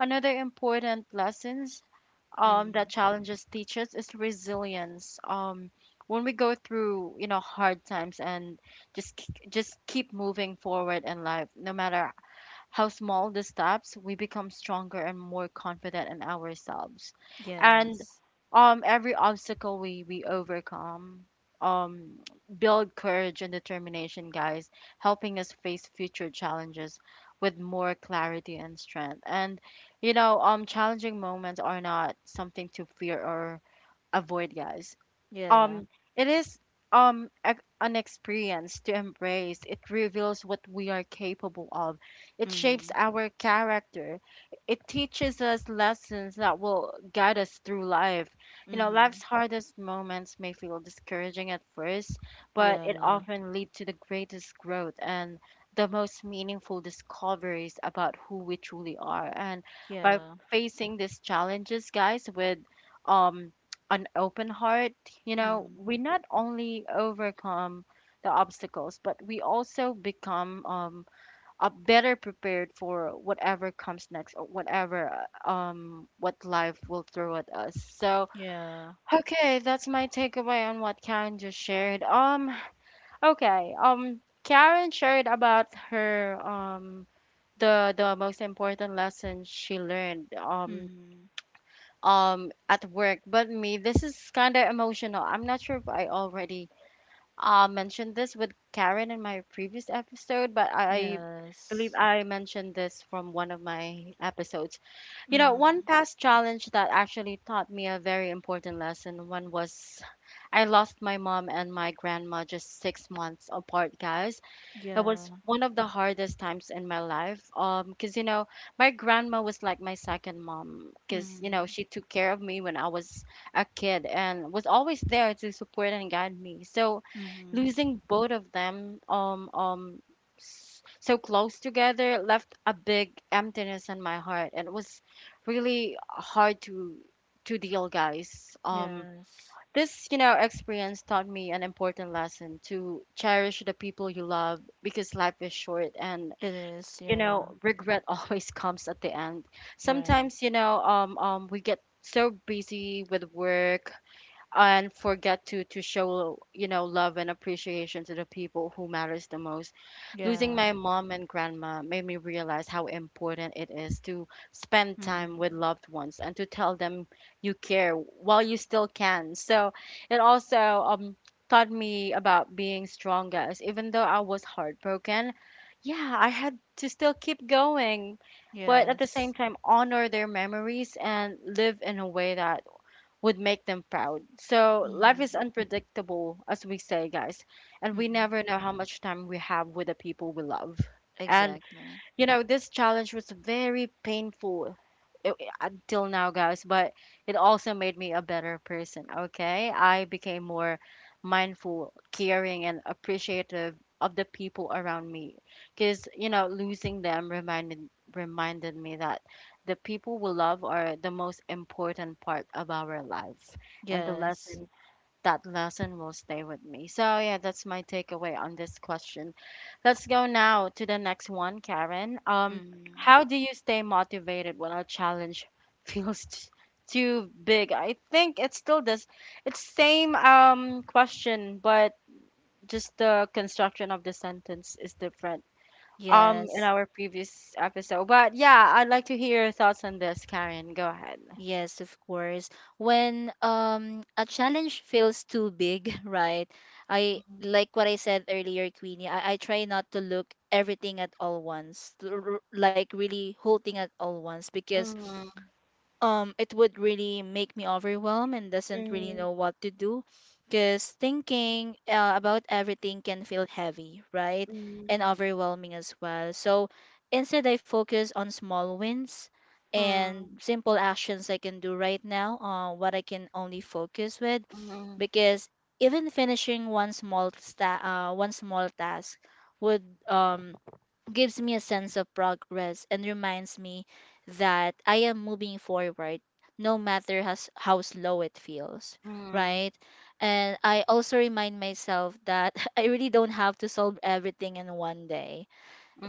Speaker 1: another important lessons, that
Speaker 2: Mm.
Speaker 1: challenges teach us is resilience. When we go through, you know, hard times and just keep moving forward in life, no matter how small the steps, we become stronger and more confident in ourselves.
Speaker 2: Yes.
Speaker 1: And every obstacle we overcome, um, build courage and determination, guys, helping us face future challenges with more clarity and strength. And, you know, challenging moments are not something to fear or avoid, guys.
Speaker 2: Yeah.
Speaker 1: um it is a, an experience to embrace. It reveals what we are capable of. It shapes
Speaker 2: Mm.
Speaker 1: our character. It teaches us lessons that will guide us through life. You know, life's
Speaker 2: Mm.
Speaker 1: hardest moments may feel discouraging at first, but it
Speaker 2: Yeah.
Speaker 1: often leads to the greatest growth and the most meaningful discoveries about who we truly are. And by
Speaker 2: Yeah.
Speaker 1: facing these challenges, guys, with um an open heart, you know,
Speaker 2: Mm.
Speaker 1: we not only overcome the obstacles, but we also become a better prepared for whatever comes next, or whatever, what life will throw at us. So,
Speaker 2: Yeah.
Speaker 1: okay, that's my takeaway on what Karen just shared. Okay, Karen shared about her the most important lesson she learned.
Speaker 2: Mm.
Speaker 1: At work. But me, this is kind of emotional. I'm not sure if I already mentioned this with Karen in my previous episode, but I believe
Speaker 2: Yes.
Speaker 1: I mentioned this from one of my episodes. You know,
Speaker 2: Mm.
Speaker 1: one past challenge that actually taught me a very important lesson. One was, I lost my mom and my grandma just 6 months apart, guys. It was
Speaker 2: Yeah.
Speaker 1: one of the hardest times in my life. 'Cause you know, my grandma was like my second mom. 'Cause you know,
Speaker 2: Mm.
Speaker 1: she took care of me when I was a kid and was always there to support and guide me. So,
Speaker 2: Mm.
Speaker 1: losing both of them, so close together left a big emptiness in my heart, and it was really hard to deal, guys.
Speaker 2: Yes.
Speaker 1: This, you know, experience taught me an important lesson to cherish the people you love, because life is short. And,
Speaker 2: It is,
Speaker 1: you
Speaker 2: yeah.
Speaker 1: know, regret [LAUGHS] always comes at the end.
Speaker 2: Right.
Speaker 1: Sometimes, you know, we get so busy with work, and forget to show, you know, love and appreciation to the people who matters the most. Losing my
Speaker 2: Yeah.
Speaker 1: mom and grandma made me realize how important it is to spend time
Speaker 2: Mm-mm.
Speaker 1: with loved ones and to tell them you care while you still can. So it also taught me about being strong, guys. Even though I was heartbroken, yeah, I had to still keep going, but at
Speaker 2: Yes.
Speaker 1: the same time honor their memories and live in a way that would make them proud. So life
Speaker 2: Mm-mm.
Speaker 1: is unpredictable, as we say, guys, and we
Speaker 2: Mm-mm.
Speaker 1: never know how much time we have with the people we love. And
Speaker 2: Exactly.
Speaker 1: you know, this challenge was very painful i- until now, guys, but it also made me a better person, okay? I became more mindful, caring, and appreciative of the people around me. Because, you know, losing them reminded me that the people we love are the most important part of our life. And the
Speaker 2: Yes.
Speaker 1: lesson that lesson will stay with me. So, yeah, that's my takeaway on this question. Let's go now to the next one, Karen.
Speaker 2: Mm.
Speaker 1: How do you stay motivated when a challenge [LAUGHS] feels too big? I think it's still this, it's same question, but just the construction of the sentence is different.
Speaker 2: Yes.
Speaker 1: In our previous episode, but yeah, I'd like to hear your thoughts on this, Karen. Go ahead.
Speaker 2: Yes, of course. When a challenge feels too big, [LAUGHS] right? I
Speaker 1: Mhm.
Speaker 2: like what I said earlier, Queenie. I try not to look everything at all once, to like really whole thing at all once, because
Speaker 1: Mm,
Speaker 2: it would really make me overwhelmed and doesn't really
Speaker 1: mm,
Speaker 2: know what to do because thinking about everything can feel heavy, right? And
Speaker 1: mm,
Speaker 2: overwhelming as well, so instead I focus on small wins and
Speaker 1: mm,
Speaker 2: simple actions I can do right now. What I can only focus with,
Speaker 1: mm.
Speaker 2: because even finishing one small task would um gives me a sense of progress and reminds me that I am moving forward no matter how slow it feels,
Speaker 1: Mm,
Speaker 2: right? And I also remind myself that [LAUGHS] I really don't have to solve everything in one day.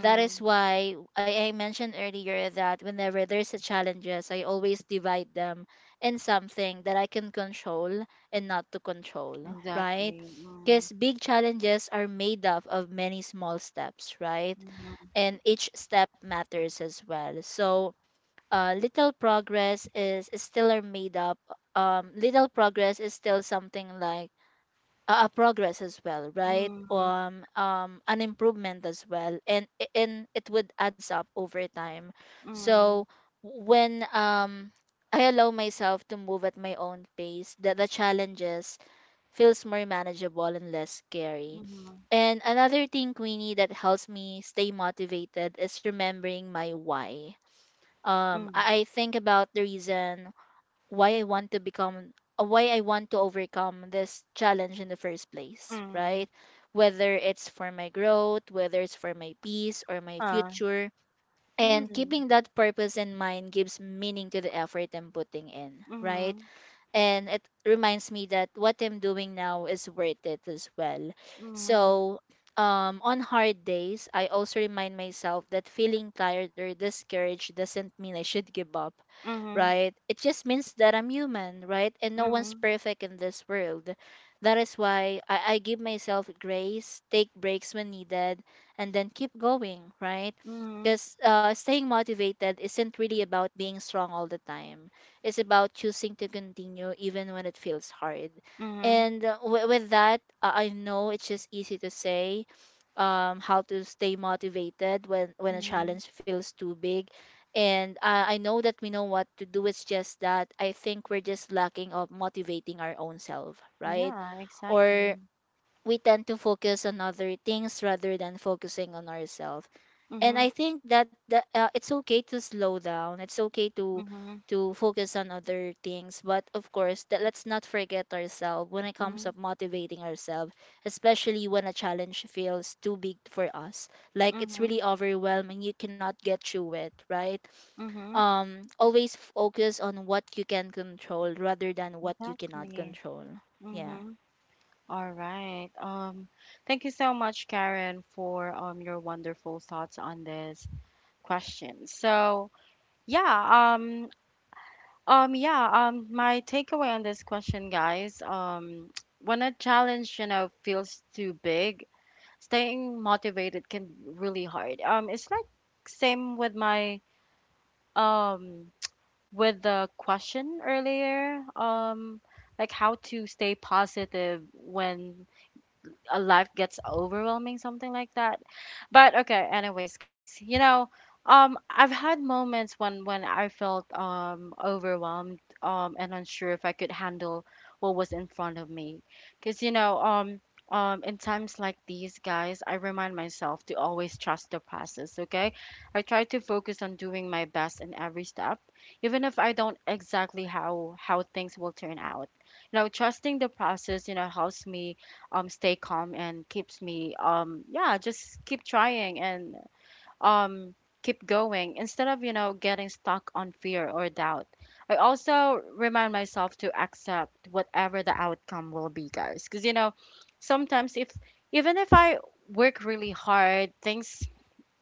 Speaker 2: That is why I mentioned earlier that whenever there's a challenges, I always divide them in something that I can control and not to control, right?
Speaker 1: exactly. Mm,
Speaker 2: Because big challenges are made up of many small steps, right?
Speaker 1: mm,
Speaker 2: And each step matters as well. So little progress is still are made up. Little progress is still something like a progress as well, right?
Speaker 1: mm,
Speaker 2: An improvement as well, and it would adds up over time. So
Speaker 1: mm,
Speaker 2: when I allow myself to move at my own pace, the challenges feels more manageable and less scary.
Speaker 1: mm,
Speaker 2: And another thing, Queenie, that helps me stay motivated is remembering my why.
Speaker 1: mm,
Speaker 2: I think about the reason why I want to become why I want to overcome this challenge in the first place,
Speaker 1: mm,
Speaker 2: right? Whether it's for my growth, whether it's for my peace or my
Speaker 1: ah,
Speaker 2: future. And keeping
Speaker 1: mm,
Speaker 2: that purpose in mind gives meaning to the effort I'm putting in, right?
Speaker 1: mm,
Speaker 2: And it reminds me that what I'm doing now is worth it as well.
Speaker 1: mm,
Speaker 2: So, on hard days, I also remind myself that feeling tired or discouraged doesn't mean I should give up,
Speaker 1: mhm,
Speaker 2: right? It just means that I'm human, right? And no one's
Speaker 1: mhm,
Speaker 2: perfect in this world. That is why I give myself grace, take breaks when needed, and then keep going, right?
Speaker 1: mhm,
Speaker 2: Because staying motivated isn't really about being strong all the time. It's about choosing to continue even when it feels hard.
Speaker 1: mhm,
Speaker 2: And with that, I know it's just easy to say how to stay motivated when a
Speaker 1: mhm.
Speaker 2: challenge feels too big. And I know that we know what to do. It's just that I think we're just lacking of motivating our own self, right?
Speaker 1: Yeah,
Speaker 2: Or
Speaker 1: exactly.
Speaker 2: we tend to focus on other things rather than focusing on ourselves. And
Speaker 1: Mm-hmm,
Speaker 2: I think that it's okay to slow down, it's okay
Speaker 1: mm-hmm,
Speaker 2: to focus on other things, but of course that let's not forget ourselves when it comes
Speaker 1: mm-hmm,
Speaker 2: to motivating ourselves, especially when a challenge feels too big for us, like it's
Speaker 1: mm-hmm,
Speaker 2: really overwhelming, you cannot get through it, right?
Speaker 1: mm-hmm,
Speaker 2: Always focus on what you can control rather than what you cannot
Speaker 1: exactly.
Speaker 2: control. Yeah.
Speaker 1: Mm-hmm. All right. Thank you so much, Karen, for your wonderful thoughts on this question. So, Yeah, um, yeah, my takeaway on this question, guys, [TSK] when a challenge, you know, feels too big, staying motivated can be really hard. It's like same with my, um, with the question earlier, like how to stay positive when life gets overwhelming, something like that. But okay, anyways, guys, you know, I've had moments when I felt overwhelmed and unsure if I could handle what was in front of me, because you know. In times like these, guys, I remind myself to always trust the process, okay? I try to focus on doing my best in every step, even if I don't exactly how things will turn out, you know, trusting the process, you know, helps me stay calm and keeps me yeah, just keep trying and um keep going, instead of, you know, getting stuck on fear or doubt. I also remind myself to accept whatever the outcome will be, guys, because you know, sometimes if even if I work really hard, things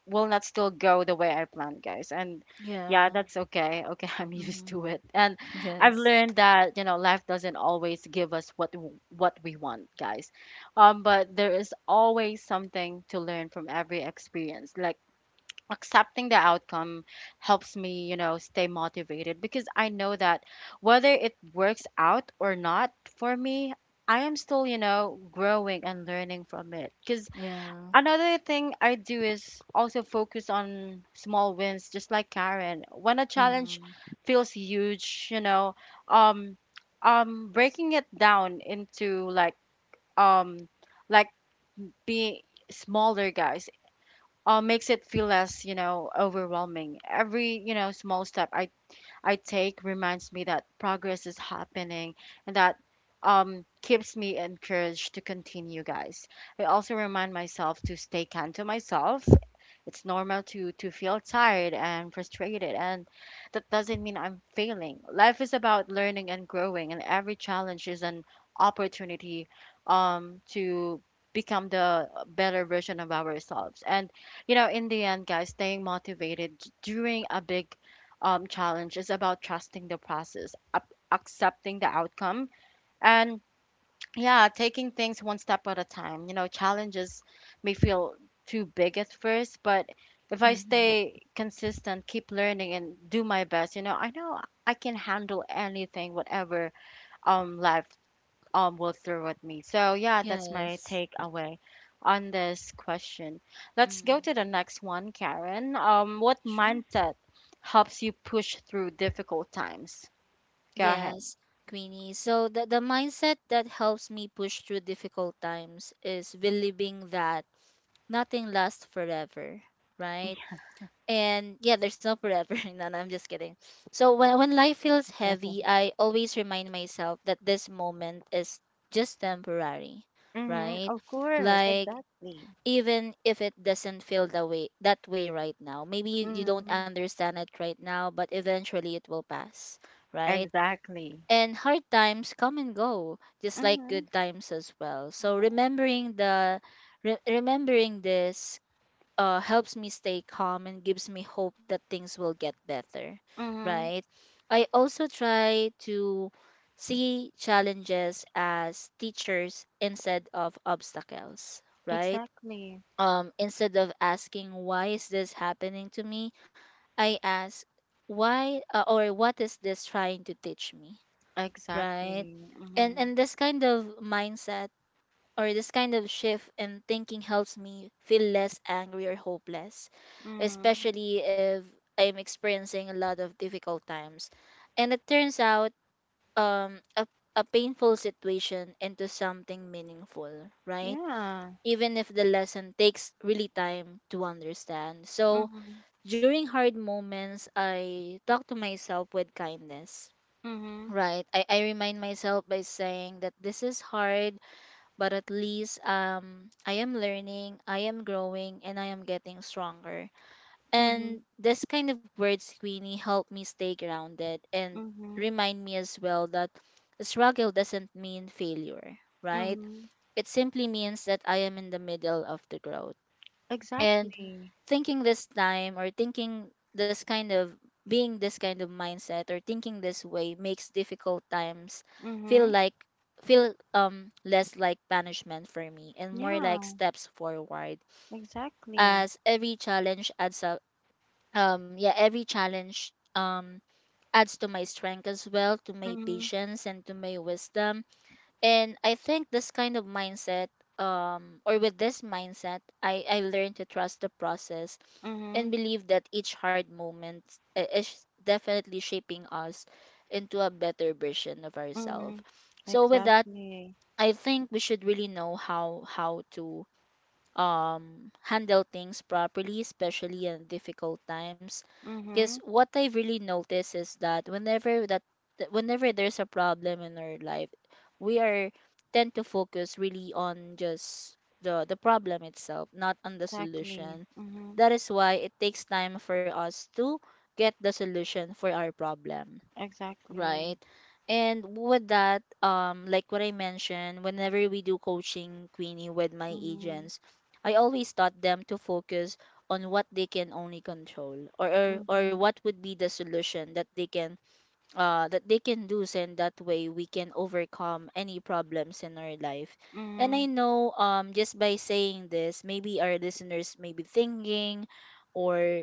Speaker 1: will not still go the way I planned, guys. And yeah,
Speaker 2: Yeah.
Speaker 1: that's okay. Okay, [LAUGHS] I'm
Speaker 2: Mm-hmm.
Speaker 1: used to it. And I've
Speaker 2: Yes.
Speaker 1: learned that, you know, life doesn't always give us what what we want, guys. But there is always something to learn from every experience. Like accepting the outcome helps me, you know, stay motivated because I know that whether it works out or not for me, I am still, you know, growing and learning from it. Because
Speaker 2: Yeah.
Speaker 1: another thing I do is also focus on small wins, just like Karen. When a challenge
Speaker 2: Mm-hmm.
Speaker 1: feels huge, you know, um, breaking it down into, um, like being smaller, guys, makes it feel less, you know, overwhelming. Every, you know, small step I take reminds me that progress is happening, and that keeps me encouraged to continue, guys. I also remind myself to stay kind to myself. It's normal to feel tired and frustrated, and that doesn't mean I'm failing. Life is about learning and growing, and every challenge is an opportunity to become the better version of ourselves. And you know, in the end, guys, staying motivated during a big challenge is about trusting the process, up, accepting the outcome, and yeah, taking things one step at a time. You know, challenges may feel too big at first, but if I
Speaker 2: Hmm.
Speaker 1: stay consistent, keep learning, and do my best, you know I can handle anything, whatever life will throw at me. So yeah, that's my
Speaker 2: Yes.
Speaker 1: takeaway on this question. Let's go
Speaker 2: Mm-hmm.
Speaker 1: to the next one, Karen. What
Speaker 2: Sure.
Speaker 1: mindset helps you push through difficult times? Go ahead.
Speaker 2: Yes, Queenie. So the mindset that helps me push through difficult times is believing that nothing lasts forever, right?
Speaker 1: Yeah.
Speaker 2: And yeah, there's no forever. [LAUGHS] No, no, I'm just kidding. So when life feels heavy, I always remind myself that this moment is just temporary,
Speaker 1: Mm-hmm.
Speaker 2: right?
Speaker 1: Of course,
Speaker 2: Like
Speaker 1: exactly.
Speaker 2: even if it doesn't feel that way right now. Maybe you you don't
Speaker 1: Mm-hmm.
Speaker 2: understand it right now, but eventually it will pass, right?
Speaker 1: Exactly.
Speaker 2: And hard times come and go, just like
Speaker 1: Mm-hmm.
Speaker 2: good times as well. So remembering the remembering this helps me stay calm and gives me hope that things will get better,
Speaker 1: Mm-hmm.
Speaker 2: right? I also try to see challenges as teachers instead of obstacles, right?
Speaker 1: Exactly.
Speaker 2: Instead of asking why is this happening to me, I ask why or what is this trying to teach me, right?
Speaker 1: Exactly. Mm-hmm.
Speaker 2: And this kind of mindset or this kind of shift in thinking helps me feel less angry or hopeless,
Speaker 1: Mm-hmm.
Speaker 2: especially if I'm experiencing a lot of difficult times. And it turns out um, a, a painful situation into something meaningful, right?
Speaker 1: Yeah.
Speaker 2: Even if the lesson takes really time to understand. So
Speaker 1: Mm-hmm.
Speaker 2: during hard moments, I talk to myself with kindness.
Speaker 1: Mm-hmm.
Speaker 2: Right. I remind myself by saying that this is hard, but at least I am learning, I am growing, and I am getting stronger.
Speaker 1: Mm-hmm.
Speaker 2: And this kind of word, Queenie, helped me stay grounded and
Speaker 1: Mm-hmm.
Speaker 2: remind me as well that struggle doesn't mean failure, right?
Speaker 1: Mm-hmm.
Speaker 2: It simply means that I am in the middle of the growth and
Speaker 1: Exactly.
Speaker 2: thinking this time or thinking this kind of being this kind of mindset or thinking this way makes difficult times feel
Speaker 1: Mm-hmm.
Speaker 2: like feel less like punishment for me and more like
Speaker 1: Yeah,
Speaker 2: steps forward
Speaker 1: exactly.
Speaker 2: as every challenge adds up. Yeah, every challenge adds to my strength as well, to my
Speaker 1: Mm-hmm.
Speaker 2: patience and to my wisdom. And I think this kind of mindset, or with this mindset, I learned to trust the process
Speaker 1: Mm-hmm.
Speaker 2: and believe that each hard moment is definitely shaping us into a better version of ourselves.
Speaker 1: Mm-hmm.
Speaker 2: So with that,
Speaker 1: Exactly.
Speaker 2: I think we should really know how to handle things properly, especially in difficult times. Because
Speaker 1: Mm-hmm.
Speaker 2: what I really notice is that whenever that that whenever there's a problem in our life, we are tend to focus really on just the problem itself, not on the
Speaker 1: Exactly.
Speaker 2: solution.
Speaker 1: Mm-hmm.
Speaker 2: That is why it takes time for us to get the solution for our problem.
Speaker 1: Exactly.
Speaker 2: Right. And with that, like what I mentioned, whenever we do coaching, Queenie, with my
Speaker 1: Mm-hmm.
Speaker 2: agents, I always taught them to focus on what they can only control, or
Speaker 1: Mm-hmm.
Speaker 2: what would be the solution that they can do. So in that way, we can overcome any problems in our life. And
Speaker 1: Mm-hmm.
Speaker 2: I know just by saying this, maybe our listeners may be thinking or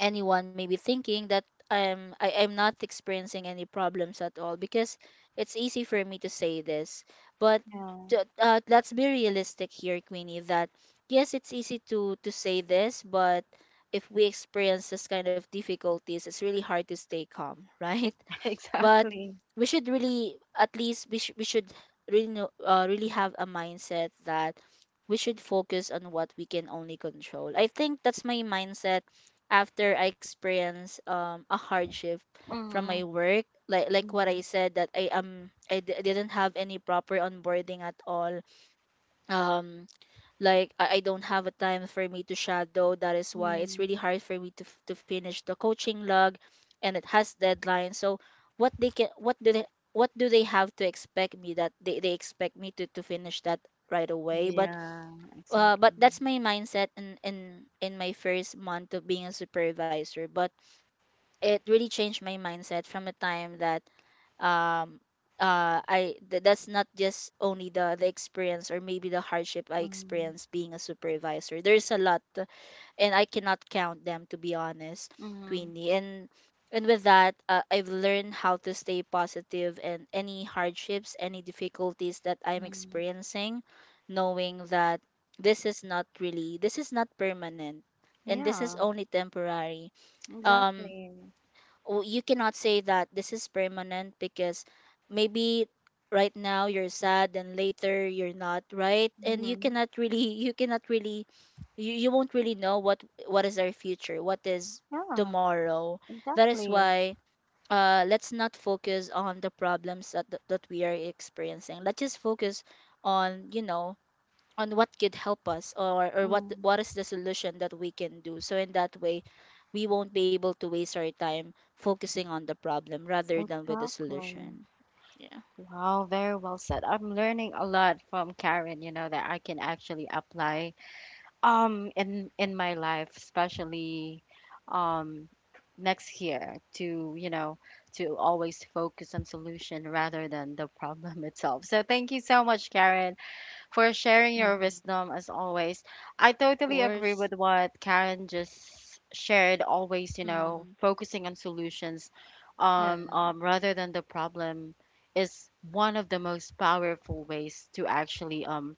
Speaker 2: anyone may be thinking that I'm not experiencing any problems at all because it's easy for me to say this, but
Speaker 1: Yeah.
Speaker 2: let's be realistic here, Queenie. That yes, it's easy to say this, but if we experience this kind of difficulties, it's really hard to stay calm, [LAUGHS] right?
Speaker 1: [LAUGHS]
Speaker 2: But
Speaker 1: Exactly.
Speaker 2: we should really at least we should really know, really have a mindset that we should focus on what we can only control. I think that's my mindset after I experience a hardship from
Speaker 1: Mm-hmm.
Speaker 2: my work, like what
Speaker 1: Mm-hmm.
Speaker 2: I said that I didn't have any proper onboarding at all. um like I don't have a time for me to shadow. That is why it's
Speaker 1: Mm-hmm.
Speaker 2: really hard for me to to finish the coaching log, and it has deadlines. So what they can what do they have to expect me that they expect me to finish that right away,
Speaker 1: Yeah,
Speaker 2: but
Speaker 1: exactly.
Speaker 2: that's my mindset in my first month of being a supervisor. But it really changed my mindset from a time that um that's not just only the experience or maybe the hardship I
Speaker 1: Mm-hmm.
Speaker 2: experienced being a supervisor. There's a lot, and I cannot count them, to be honest,
Speaker 1: Mm-hmm.
Speaker 2: Queenie. And with that, I've learned how to stay positive and any hardships, any difficulties that I'm
Speaker 1: Mm-hmm.
Speaker 2: experiencing, knowing that this is not permanent and this is
Speaker 1: Yeah,
Speaker 2: only temporary. Um,
Speaker 1: exactly.
Speaker 2: oh, you cannot say that this is permanent because maybe right now you're sad and later you're not, right? And you
Speaker 1: Mm-hmm.
Speaker 2: cannot really [LAUGHS] you cannot really you won't really know what is our future, what is
Speaker 1: Yeah,
Speaker 2: tomorrow. That is
Speaker 1: exactly.
Speaker 2: why let's not focus on the problems that we are experiencing. Let's just focus on, you know, on what could help us, or
Speaker 1: Mm-hmm.
Speaker 2: what is the solution that we can do. So in that way, we won't be able to waste our time focusing on the problem rather than with the
Speaker 1: Exactly.
Speaker 2: solution. Yeah.
Speaker 1: Wow, very well said. I'm learning a lot from Karen, you know, that I can actually apply in my life, especially um next year, to, you know, to always focus on solution rather than the problem [LAUGHS] itself. So thank you so much, Karen, for sharing your
Speaker 2: Mm-hmm.
Speaker 1: wisdom as always. I
Speaker 2: Of
Speaker 1: totally agree
Speaker 2: course.
Speaker 1: with what Karen just shared, always, you
Speaker 2: Mm-hmm.
Speaker 1: know, focusing on solutions,
Speaker 2: Yeah.
Speaker 1: rather than the problem, is one of the most powerful ways to actually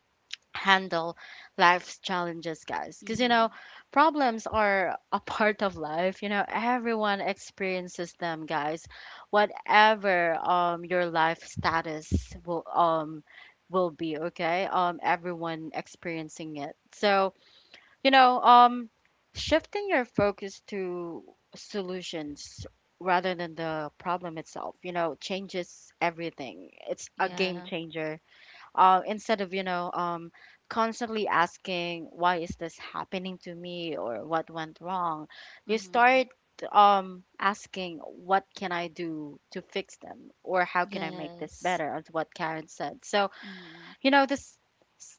Speaker 1: handle life's challenges, guys. Because, you know,
Speaker 2: Mm-hmm.
Speaker 1: problems are a [LAUGHS] part of life. You know, everyone experiences them, guys. Whatever your life status will be, okay? Everyone experiencing it. So, you know, shifting your focus to solutions rather than the problem itself, you know, changes everything. It's a game
Speaker 2: Yeah.
Speaker 1: changer. Instead of, you know, constantly asking why is this happening to me or what went wrong, you
Speaker 2: Mm-hmm.
Speaker 1: start asking what can I do to fix them or how can I make this
Speaker 2: Yes.
Speaker 1: better, as what Karen said. So,
Speaker 2: Mm-hmm.
Speaker 1: you know, this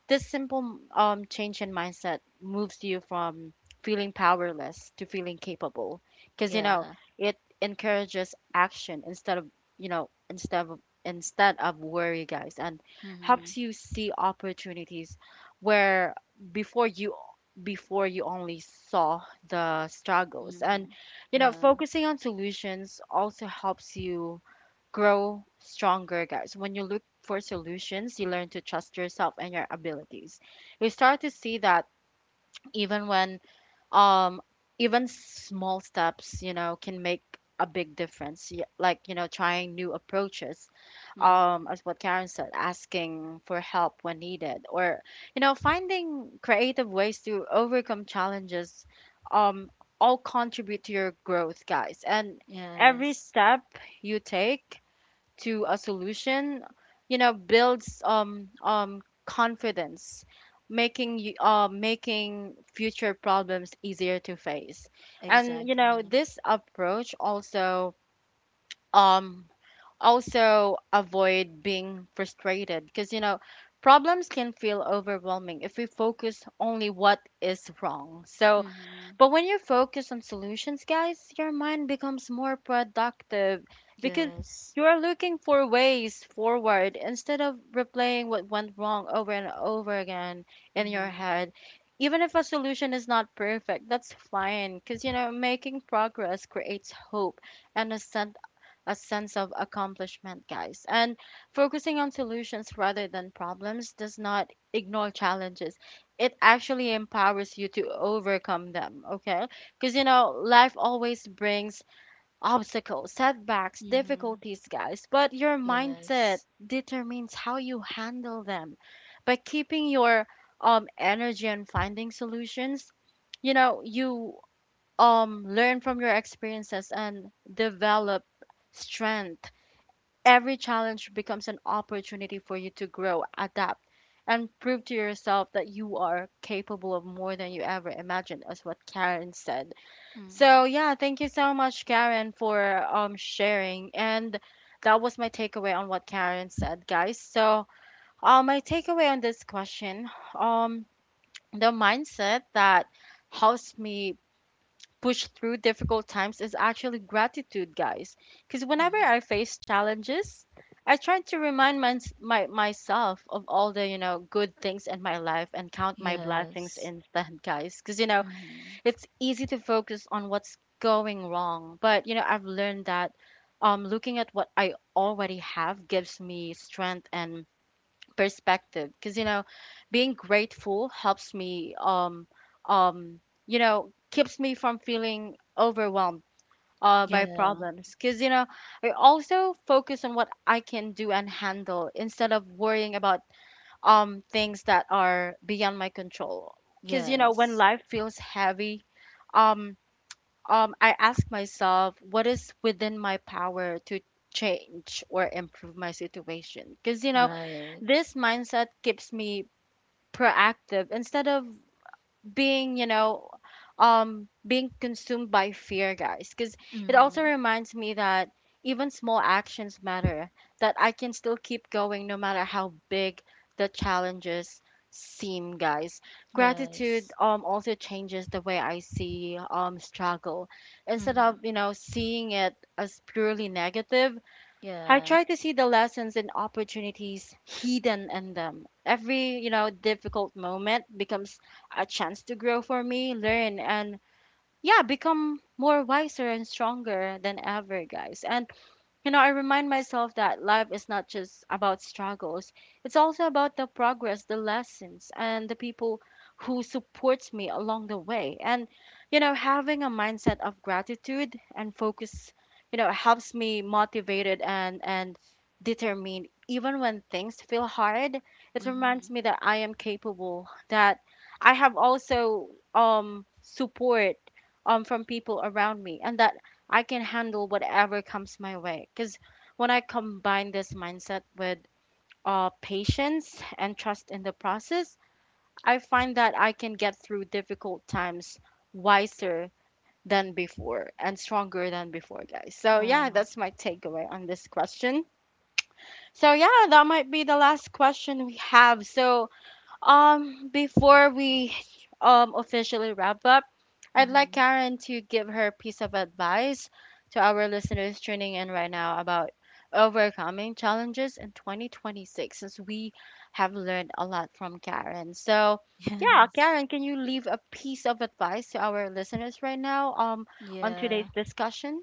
Speaker 1: this simple change in mindset moves you from feeling powerless to feeling capable, because you
Speaker 2: Yeah.
Speaker 1: know, it encourages action instead of, you know, instead of worry, guys, and
Speaker 2: Mm-hmm.
Speaker 1: helps you see opportunities where before you before you only saw the struggles. And
Speaker 2: Mm-hmm.
Speaker 1: you know,
Speaker 2: Yeah.
Speaker 1: focusing on solutions also helps you grow stronger, guys. When you look for solutions, you learn to trust yourself and your abilities. You start to see that, even when um even small steps, you know, can make a big difference. Like, you know, trying new approaches,
Speaker 2: Mm-hmm.
Speaker 1: as what Karen said, asking for help when needed, or, you know, finding creative ways to overcome challenges, um, all contribute to your growth, guys. And every
Speaker 2: Yes,
Speaker 1: step you take to a solution, you know, builds confidence, making you making future problems easier to face. And you know,
Speaker 2: exactly.
Speaker 1: this approach also um also avoid being frustrated, because you know, problems can feel overwhelming if we focus only what is wrong. So
Speaker 2: Mm-hmm.
Speaker 1: but when you're focused on solutions, guys, your mind becomes more productive, because
Speaker 2: Yes.
Speaker 1: you are looking for ways forward instead of replaying what went wrong over and over again in your
Speaker 2: Mm-hmm.
Speaker 1: head. Even if a solution is not perfect, that's fine, because you know making progress creates hope and a sense of accomplishment, guys. And focusing on solutions rather than problems does not ignore challenges. It actually empowers you to overcome them, okay? Because, you know, life always brings obstacles, setbacks,
Speaker 2: Mm-hmm.
Speaker 1: difficulties, guys. But your
Speaker 2: Yes.
Speaker 1: mindset determines how you handle them. By keeping your energy on finding solutions, you know, you learn from your experiences and develop strength. Every challenge becomes an opportunity for you to grow, adapt, and prove to yourself that you are capable of more than you ever imagined, as what Karen said. So,
Speaker 2: Hmm.
Speaker 1: yeah, thank you so much, Karen, for sharing. And that was my takeaway on what Karen said, guys. So, my takeaway on this question, um, the mindset that helps me push through difficult times is actually gratitude, guys. Because whenever
Speaker 2: Mm.
Speaker 1: I face challenges, I try to remind myself of all the, you know, good things in my life and count my blessings
Speaker 2: Yes.
Speaker 1: instead, guys. Because, you know,
Speaker 2: Mm-hmm.
Speaker 1: it's easy to focus on what's going wrong. But, you know, I've learned that looking at what I already have gives me strength and perspective, because you know being grateful helps me um you know, keeps me from feeling overwhelmed by
Speaker 2: Yeah.
Speaker 1: problems, because you know I also focus on what I can do and handle instead of worrying about things that are beyond my control, because you know when
Speaker 2: Yes.
Speaker 1: life feels heavy um I ask myself what is within my power to change or improve my situation, because you know
Speaker 2: Right.
Speaker 1: this mindset keeps me proactive instead of being, you know, being consumed by fear, guys, because it
Speaker 2: Mm-hmm.
Speaker 1: also reminds me that even small actions matter, that I can still keep going no matter how big the challenges seem, guys.
Speaker 2: Yes.
Speaker 1: Gratitude also changes the way I see struggle. Instead of,
Speaker 2: Mm-hmm.
Speaker 1: you know, seeing it as purely negative, I
Speaker 2: Yeah.
Speaker 1: try to see the lessons and opportunities hidden in them. Every, you know, difficult moment becomes a chance to grow for me, learn, and yeah, become more wiser and stronger than ever, guys. And you know, I remind myself that life is not just about struggles. It's also about the progress, the lessons, and the people who support me along the way. And, you know, having a mindset of gratitude and focus, you know, helps me motivated and determined even when things feel hard. It reminds
Speaker 2: Mm-hmm.
Speaker 1: me that I am capable, that I have also support from people around me, and that I can handle whatever comes my way. Because when I combine this mindset with patience and trust in the process, I find that I can get through difficult times wiser than before and stronger than before, guys. So, yeah,
Speaker 2: Wow.
Speaker 1: that's my takeaway on this question. So, yeah, that might be the last question we have. So, before we officially wrap up, I'd like
Speaker 2: Mm-hmm.
Speaker 1: Karen to give her piece of advice to our listeners tuning in right now about overcoming challenges in 2026, since we have learned a lot from Karen. So,
Speaker 2: [LAUGHS] Yeah.
Speaker 1: yeah, Karen, can you leave a piece of advice to our listeners right now on today's
Speaker 2: Yeah.
Speaker 1: discussion?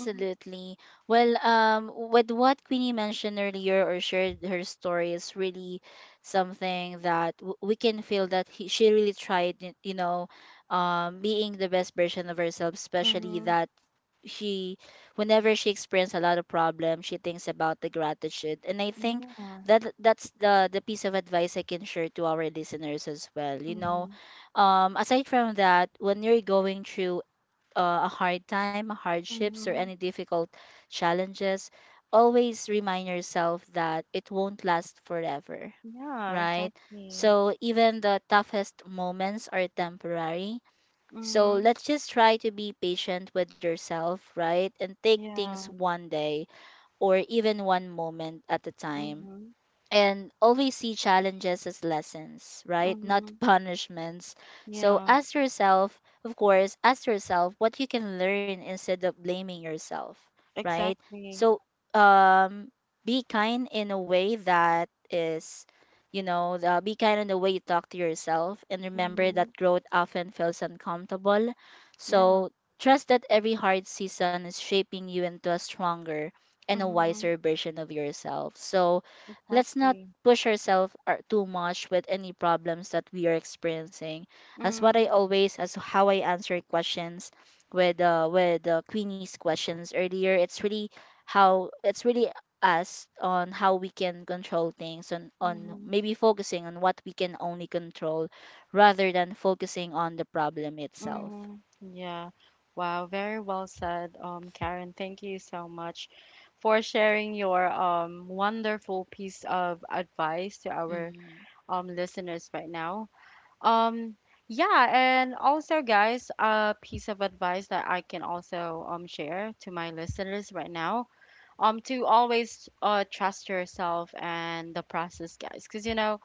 Speaker 1: Mhm.
Speaker 2: Well, with what Queenie mentioned earlier or shared her story is really something that we can feel that she really tried, you know, being the best version of herself, especially
Speaker 1: Mhm.
Speaker 2: that she, whenever she experiences a lot of problems, she thinks about the gratitude. And I think
Speaker 1: Yeah.
Speaker 2: that that's the piece of advice I can share to our listeners as well. You know,
Speaker 1: Mhm.
Speaker 2: aside from that, when you're going through a hard time, hardships, or any
Speaker 1: Mhm.
Speaker 2: difficult challenges, always remind yourself that it won't last forever,
Speaker 1: Yeah,
Speaker 2: right?
Speaker 1: exactly.
Speaker 2: So even the toughest moments are temporary. So
Speaker 1: Mhm.
Speaker 2: let's just try to be patient with yourself, right? And take things
Speaker 1: Yeah.
Speaker 2: one day or even one moment at a time,
Speaker 1: Mhm.
Speaker 2: and always see challenges as lessons, right? Not
Speaker 1: Mm-hmm.
Speaker 2: [LAUGHS] punishments. So
Speaker 1: Yeah,
Speaker 2: ask yourself, of course, ask yourself what you can learn instead of blaming yourself, right?
Speaker 1: exactly.
Speaker 2: So um, be kind in a way that is, you know, be kind in the way you talk to yourself, and remember
Speaker 1: Mm-hmm.
Speaker 2: that growth often feels uncomfortable.
Speaker 1: Yeah.
Speaker 2: So trust that every hard season is shaping you into a stronger and a
Speaker 1: Mm-hmm.
Speaker 2: wiser version of yourself. So let's not
Speaker 1: Exactly.
Speaker 2: push ourselves too much with any problems that we are experiencing. As what I
Speaker 1: Mm-hmm.
Speaker 2: always, as how I answer questions with Queenie's questions earlier, it's really how it's really us on how we can control things on
Speaker 1: Mm-hmm.
Speaker 2: maybe focusing on what we can only control rather than focusing on the problem itself.
Speaker 1: Mm-hmm. Yeah. Wow, very well said, Karen. Thank you so much for sharing your wonderful piece of advice to our
Speaker 2: Mm,
Speaker 1: listeners right now. Um, yeah, and also guys, a piece of advice that I can also share to my listeners right now, to always trust yourself and the process, guys, because you know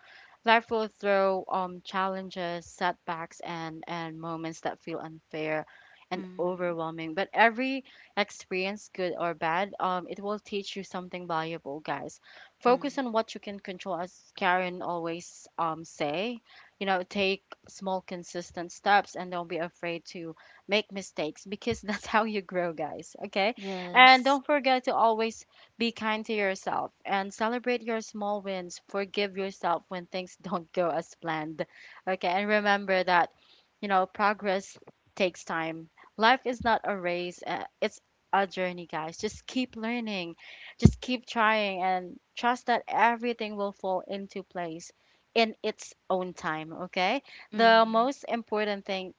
Speaker 1: life will throw challenges, setbacks, and moments that feel unfair and
Speaker 2: mm,
Speaker 1: overwhelming, but every experience, good or bad, it will teach you something valuable, guys. Focus
Speaker 2: mm.
Speaker 1: on what you can control, as Karen always say. You know, take small consistent steps and don't be afraid to make mistakes, because [LAUGHS] that's how you grow, guys, okay?
Speaker 2: Yes.
Speaker 1: And don't forget to always be kind to yourself and celebrate your small wins. Forgive yourself when things [LAUGHS] don't go as planned. Okay, and remember that, you know, progress takes time. Life is not a race, it's a journey, guys. Just keep learning, just keep trying, and trust that everything will fall into place in its own time, okay? The
Speaker 2: Mm-hmm.
Speaker 1: most important thing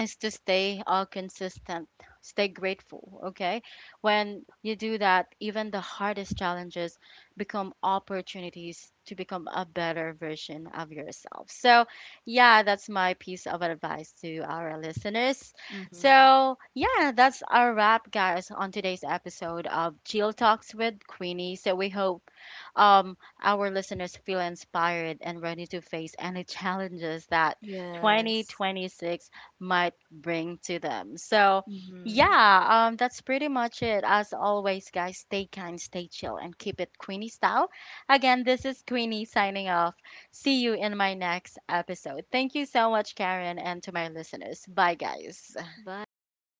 Speaker 1: is to stay consistent, stay grateful, okay? When you do that, even the hardest challenges become opportunities to become a better version of yourself. So, yeah, that's my piece of advice to our listeners.
Speaker 2: Mm-hmm.
Speaker 1: So, yeah, that's our wrap, guys, on today's episode of Chill Talks with Queenie. So, we hope um, our listeners feel inspired and ready to face any challenges that
Speaker 2: Yes.
Speaker 1: 2026 might bring to them. So,
Speaker 2: Mhm.
Speaker 1: yeah, that's pretty much it. As always, guys, stay kind, stay chill, and keep it Queenie style. Again, this is Queenie signing off. See you in my next episode. Thank you so much, Karen, and to my listeners. Bye, guys.
Speaker 2: Bye.